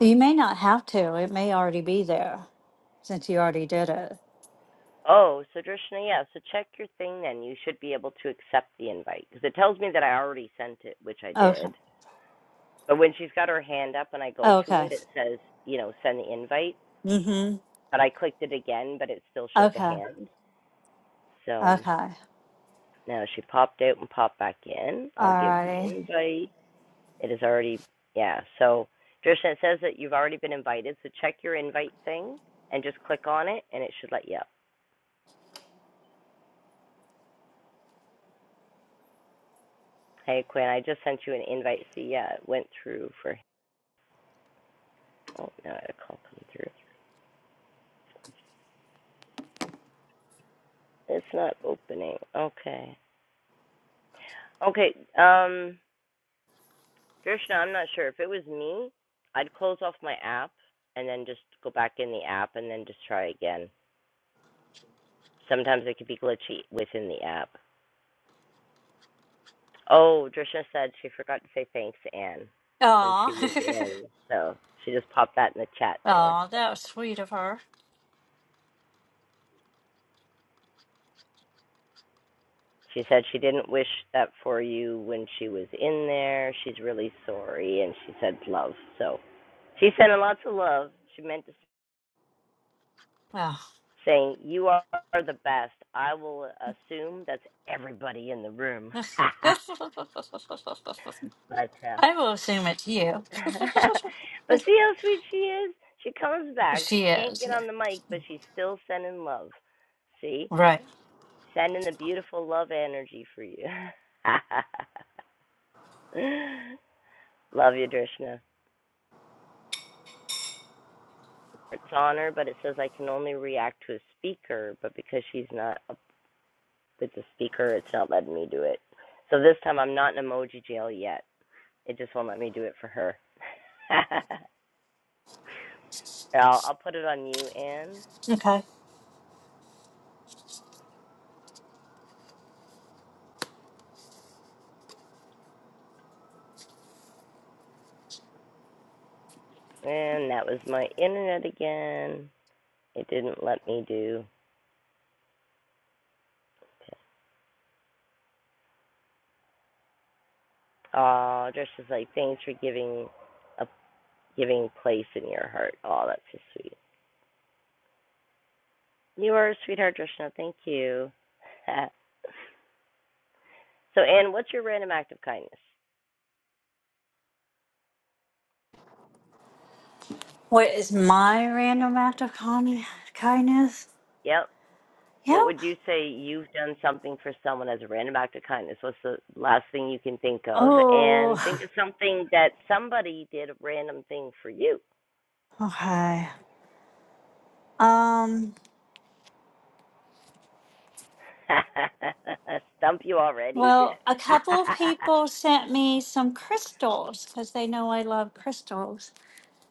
B: You may not have to. It may already be there since you already did it.
A: Oh, so Drishna, yeah, so check your thing then. You should be able to accept the invite because it tells me that I already sent it, which I
B: Okay.
A: did. But when she's got her hand up and I go to
B: Okay.
A: it, it says, you know, send the invite.
B: hmm
A: But I clicked it again, but it still showed the
B: Okay.
A: hand. So.
B: Okay.
A: Now she popped out and popped back in. I'll give the
B: Alrighty.
A: invite. It is already, yeah. So, Trisha, it says that you've already been invited. So check your invite thing and just click on it, and it should let you up. Hey, Quinn, I just sent you an invite. See, yeah, it went through for. Oh, no, a call coming through. It's not opening. Okay. Okay. Um, Drishna, I'm not sure. If it was me, I'd close off my app and then just go back in the app and then just try again. Sometimes it could be glitchy within the app. Oh, Drisha said she forgot to say thanks, Anne, when she
B: Aw.
A: was in. So she just popped that in the chat there.
B: Aw, that was sweet of her.
A: She said she didn't wish that for you when she was in there. She's really sorry, and she said love. So she sent a lots of love. She meant to say
B: Well.
A: you are the best. I will assume that's everybody in the room.
B: I
A: but uh,
B: will assume it's you.
A: but see how sweet she is. She comes back. She
B: she
A: can't
B: is,
A: get
B: yeah.
A: on the mic, but she's still sending love. See?
B: Right.
A: Sending the beautiful love energy for you. love you, Drishna. It's on her, but it says I can only react to a speaker, but because she's not up with the speaker, it's not letting me do it. So this time I'm not in emoji jail yet. It just won't let me do it for her. I'll, I'll put it on you, Anne.
B: Okay.
A: And that was my internet again. It didn't let me do. Oh, Drishna's like, thanks for giving a giving place in your heart. Oh, that's so sweet. You are a sweetheart, Drishna. Thank you. so, Anne, what's your random act of kindness?
B: What is my random act of con- kindness?
A: Yep.
B: Yeah.
A: What would you say you've done something for someone as a random act of kindness? What's the last thing you can think of? And
B: Oh,
A: think of something that somebody did a random thing for you.
B: okay. Um,
A: Stump you already?
B: well, a couple of people sent me some crystals because they know I love crystals.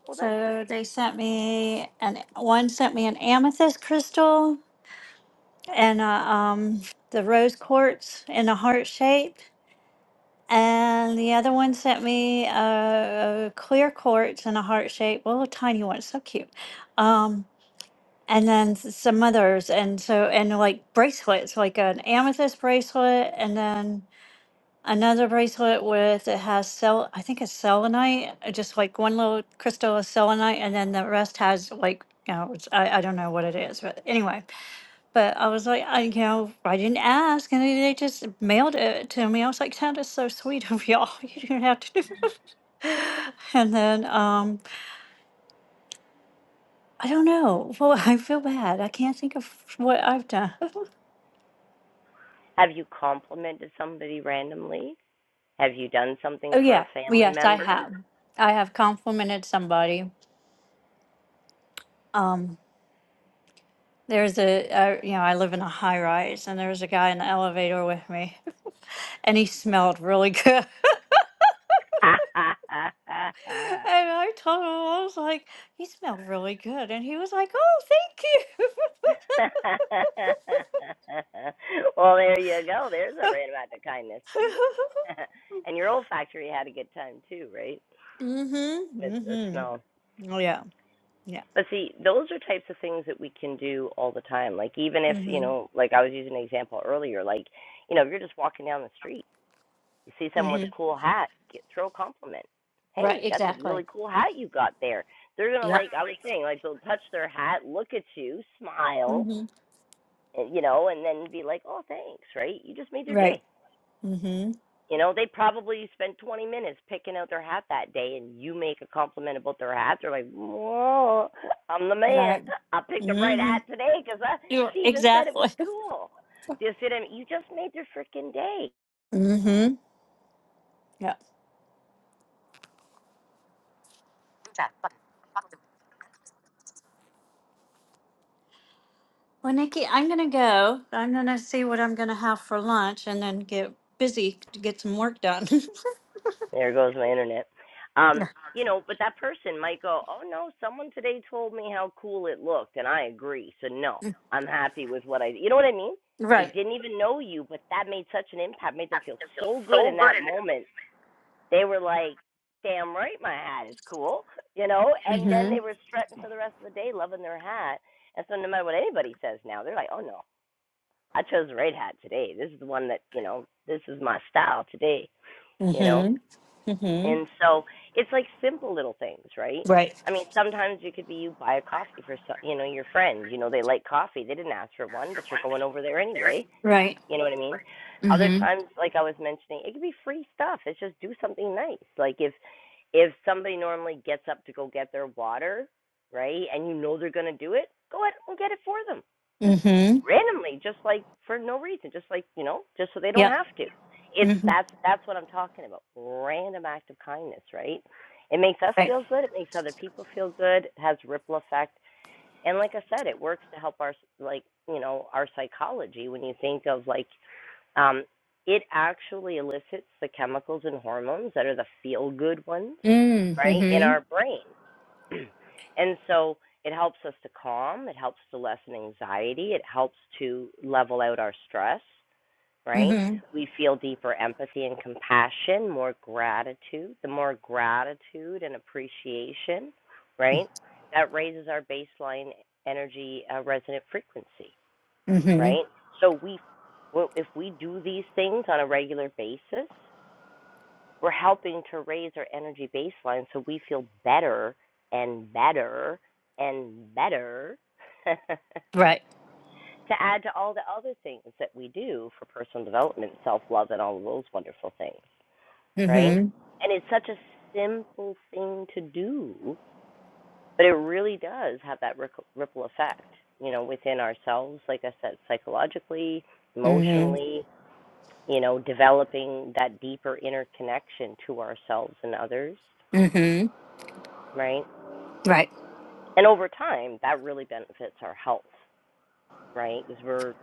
A: well, that's nice.
B: So they sent me an one sent me an amethyst crystal and a, um, the rose quartz in a heart shape. And the other one sent me a, a clear quartz in a heart shape, well, a little tiny one, so cute. Um, and then s- some others and so and like bracelets like an amethyst bracelet and then another bracelet with it has cell i think it's selenite uh, just like one little crystal of selenite and then the rest has like you know it's, I, I don't know what it is but anyway but i was like i you know i didn't ask and they they just mailed it to me i was like that is so sweet of y'all you didn't have to do that. and then um I don't know. Well, I feel bad. I can't think of what I've done.
A: Have you complimented somebody randomly? Have you done something
B: Oh
A: for a
B: yeah, Well,
A: family
B: yes, I
A: member?
B: have. I have complimented somebody. Um, there's a, uh, you know, I live in a high rise, and there was a guy in the elevator with me, and he smelled really good. And I told him, I was like, he smelled really good, and he was like, oh,
A: well, there you go. There's a
B: thank
A: random act of kindness.
B: you.
A: and your olfactory had a good time too, right?
B: mm-hmm.
A: With the
B: Mm-hmm.
A: smell.
B: Oh yeah. Yeah.
A: But see, those are types of things that we can do all the time. Like even if you
B: Mm-hmm.
A: know, like I was using an example earlier, like you know, if you're just walking down the street, you see someone with
B: Mm-hmm.
A: a cool hat, get, throw a compliment.
B: Right.
A: Hey, that's a
B: Exactly.
A: really cool hat you got there. They're gonna
B: Yep.
A: like I was saying, like they'll touch their hat, look at you, smile,
B: Mm-hmm.
A: uh, you know, and then be like, oh, thanks, right? You just made their day.
B: Right. Mm-hmm.
A: You know, they probably spent 20 minutes picking out their hat that day, and you make a compliment about their hat. They're like, whoa, I'm the man.
B: Right.
A: I picked the right
B: Mm-hmm.
A: hat today because
B: You're
A: she even said it
B: exactly.
A: was cool. Do you see what I mean? You just made their freaking day.
B: Mm-hmm. Yeah. Well, Nikki, I'm going to go. I'm going to see what I'm going to have for lunch and then get busy to get some work done.
A: There goes my internet. Um,
B: Yeah.
A: you know, but that person might go, "Oh no, someone today told me how cool it looked, and I agree." So no, I'm happy with what I. did. You know what I mean? They
B: Right.
A: didn't even know you, but that made such an impact, made them feel so good in that moment. They were like, "Damn right, my hat is cool," you know. And then
B: Mm-hmm.
A: they were strutting for the rest of the day, loving their hat. And so no matter what anybody says now, they're like, "Oh no, I chose the right hat today. This is the one that you know. This is my style today." You know.
B: Mm-hmm. Mm-hmm.
A: And so it's like simple little things, right?
B: Right.
A: I mean, sometimes it could be you buy a coffee for so- you know your friend. You know they like coffee. They didn't ask for one, but you're going over there anyway.
B: right.
A: You know what I mean? Other
B: Mm-hmm.
A: times, like I was mentioning, it could be free stuff. It's just do something nice. Like if if somebody normally gets up to go get their water, right, and you know they're gonna do it, go ahead and get it for them. Just
B: Mm-hmm.
A: randomly, just like for no reason, just like you know, just so they don't
B: Yep.
A: have to. It's
B: Mm-hmm.
A: that's that's what I'm talking about. Random act of kindness, right? It makes us
B: Right.
A: feel good. It makes other people feel good. It has ripple effect. And like I said, it works to help our like you know our psychology when you think of like um, it actually elicits the chemicals and hormones that are the feel good ones, right, in
B: Mm-hmm.
A: our brain. and so it helps us to calm, it helps to lessen anxiety, it helps to level out our stress, right?
B: Mm-hmm.
A: We feel deeper empathy and compassion, more gratitude, the more gratitude and appreciation, right? That raises our baseline energy uh, resonant frequency right?
B: Mm-hmm.
A: So we, well, if we do these things on a regular basis, we're helping to raise our energy baseline so we feel better and better and better to
B: Right.
A: add to all the other things that we do for personal development, self love, and all of those wonderful things, right?
B: Mm-hmm.
A: And it's such a simple thing to do, but it really does have that ripple effect, you know, within ourselves, like I said, psychologically,
B: Mm-hmm.
A: emotionally, you know, developing that deeper inner connection to ourselves and others,
B: Mm-hmm.
A: right?
B: Right. Mm-hmm. Mm-hmm. Mm-hmm.
A: And over time, that really benefits our health, right? Because we're,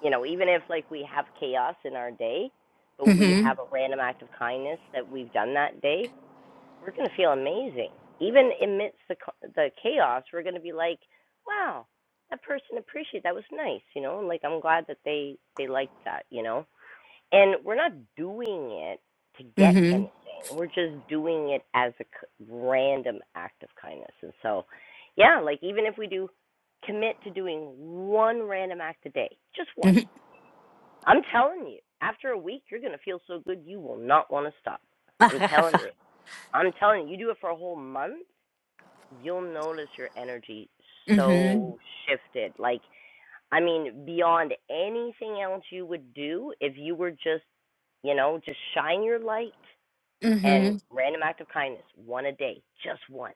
A: you know, even if like we have chaos in our day, but we have a random act of kindness that we've done that day, we're going to feel amazing. Even amidst the the chaos, we're going to be like, wow, that person appreciated that was nice, you know, and like I'm glad that they they liked that, you know. and we're not doing it to get anything. We're just doing it as a c- random act of kindness. And so, yeah, like even if we do commit to doing one random act a day, just one. I'm telling you, after a week, you're going to feel so good you will not want to stop. I'm telling you.
B: Mm-hmm.
A: I'm telling you, you do it for a whole month, you'll notice your energy so shifted. Like I mean, beyond anything else you would do if you were just, you know, just shine your light and
B: Mm-hmm.
A: random act of kindness, one a day, just one.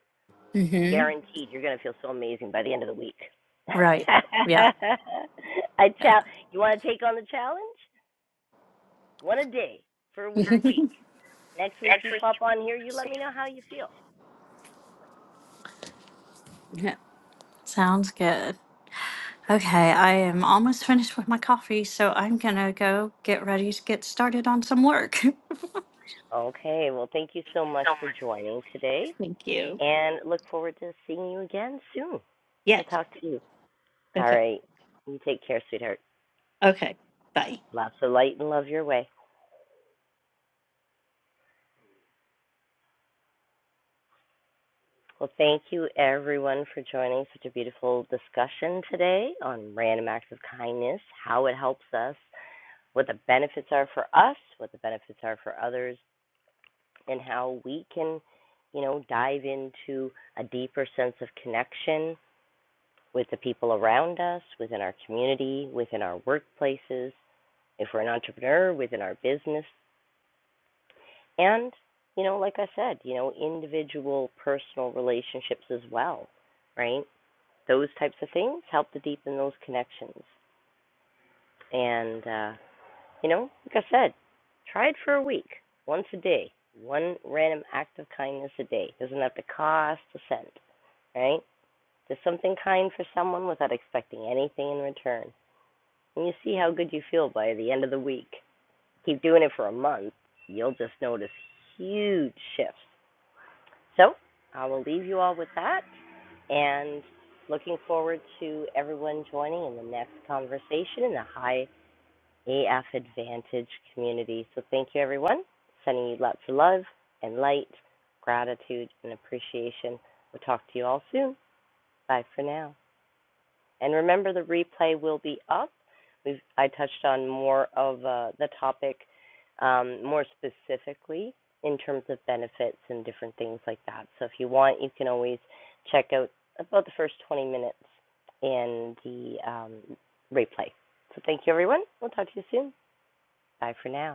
B: Mm-hmm.
A: Guaranteed, you're going to feel so amazing by the end of the week. I
B: right. Yeah.
A: chal- you want to take on the challenge? One a day for a week. Next week you pop on here, you let me know how you feel.
B: yeah. Sounds good. Okay, I am almost finished with my coffee, so I'm gonna go get ready to get started on some work.
A: Okay, well, thank you so much for joining today
B: Thank you.
A: and look forward to seeing you again soon.
B: Yes.
A: We'll talk to you. All
B: Okay.
A: right. You take care, sweetheart.
B: Okay. Bye.
A: Lots of light and love your way. Well, thank you everyone for joining such a beautiful discussion today on random acts of kindness, how it helps us, what the benefits are for us, what the benefits are for others, and how we can, you know, dive into a deeper sense of connection with the people around us, within our community, within our workplaces, if we're an entrepreneur, within our business and you know like i said you know individual personal relationships as well right those types of things help to deepen those connections and uh you know like i said try it for a week once a day one random act of kindness a day doesn't have to cost a cent right just something kind for someone without expecting anything in return and you see how good you feel by the end of the week keep doing it for a month you'll just notice huge shifts So I will leave you all with that and looking forward to everyone joining in the next conversation in the high AF Advantage community. So thank you, everyone. Sending you lots of love and light, gratitude, and appreciation. We'll talk to you all soon. Bye for now. And remember, the replay will be up. We've, I touched on more of uh, the topic um, more specifically in terms of benefits and different things like that. So if you want, you can always check out about the first 20 minutes in the um, replay. So thank you, everyone. We'll talk to you soon. Bye for now.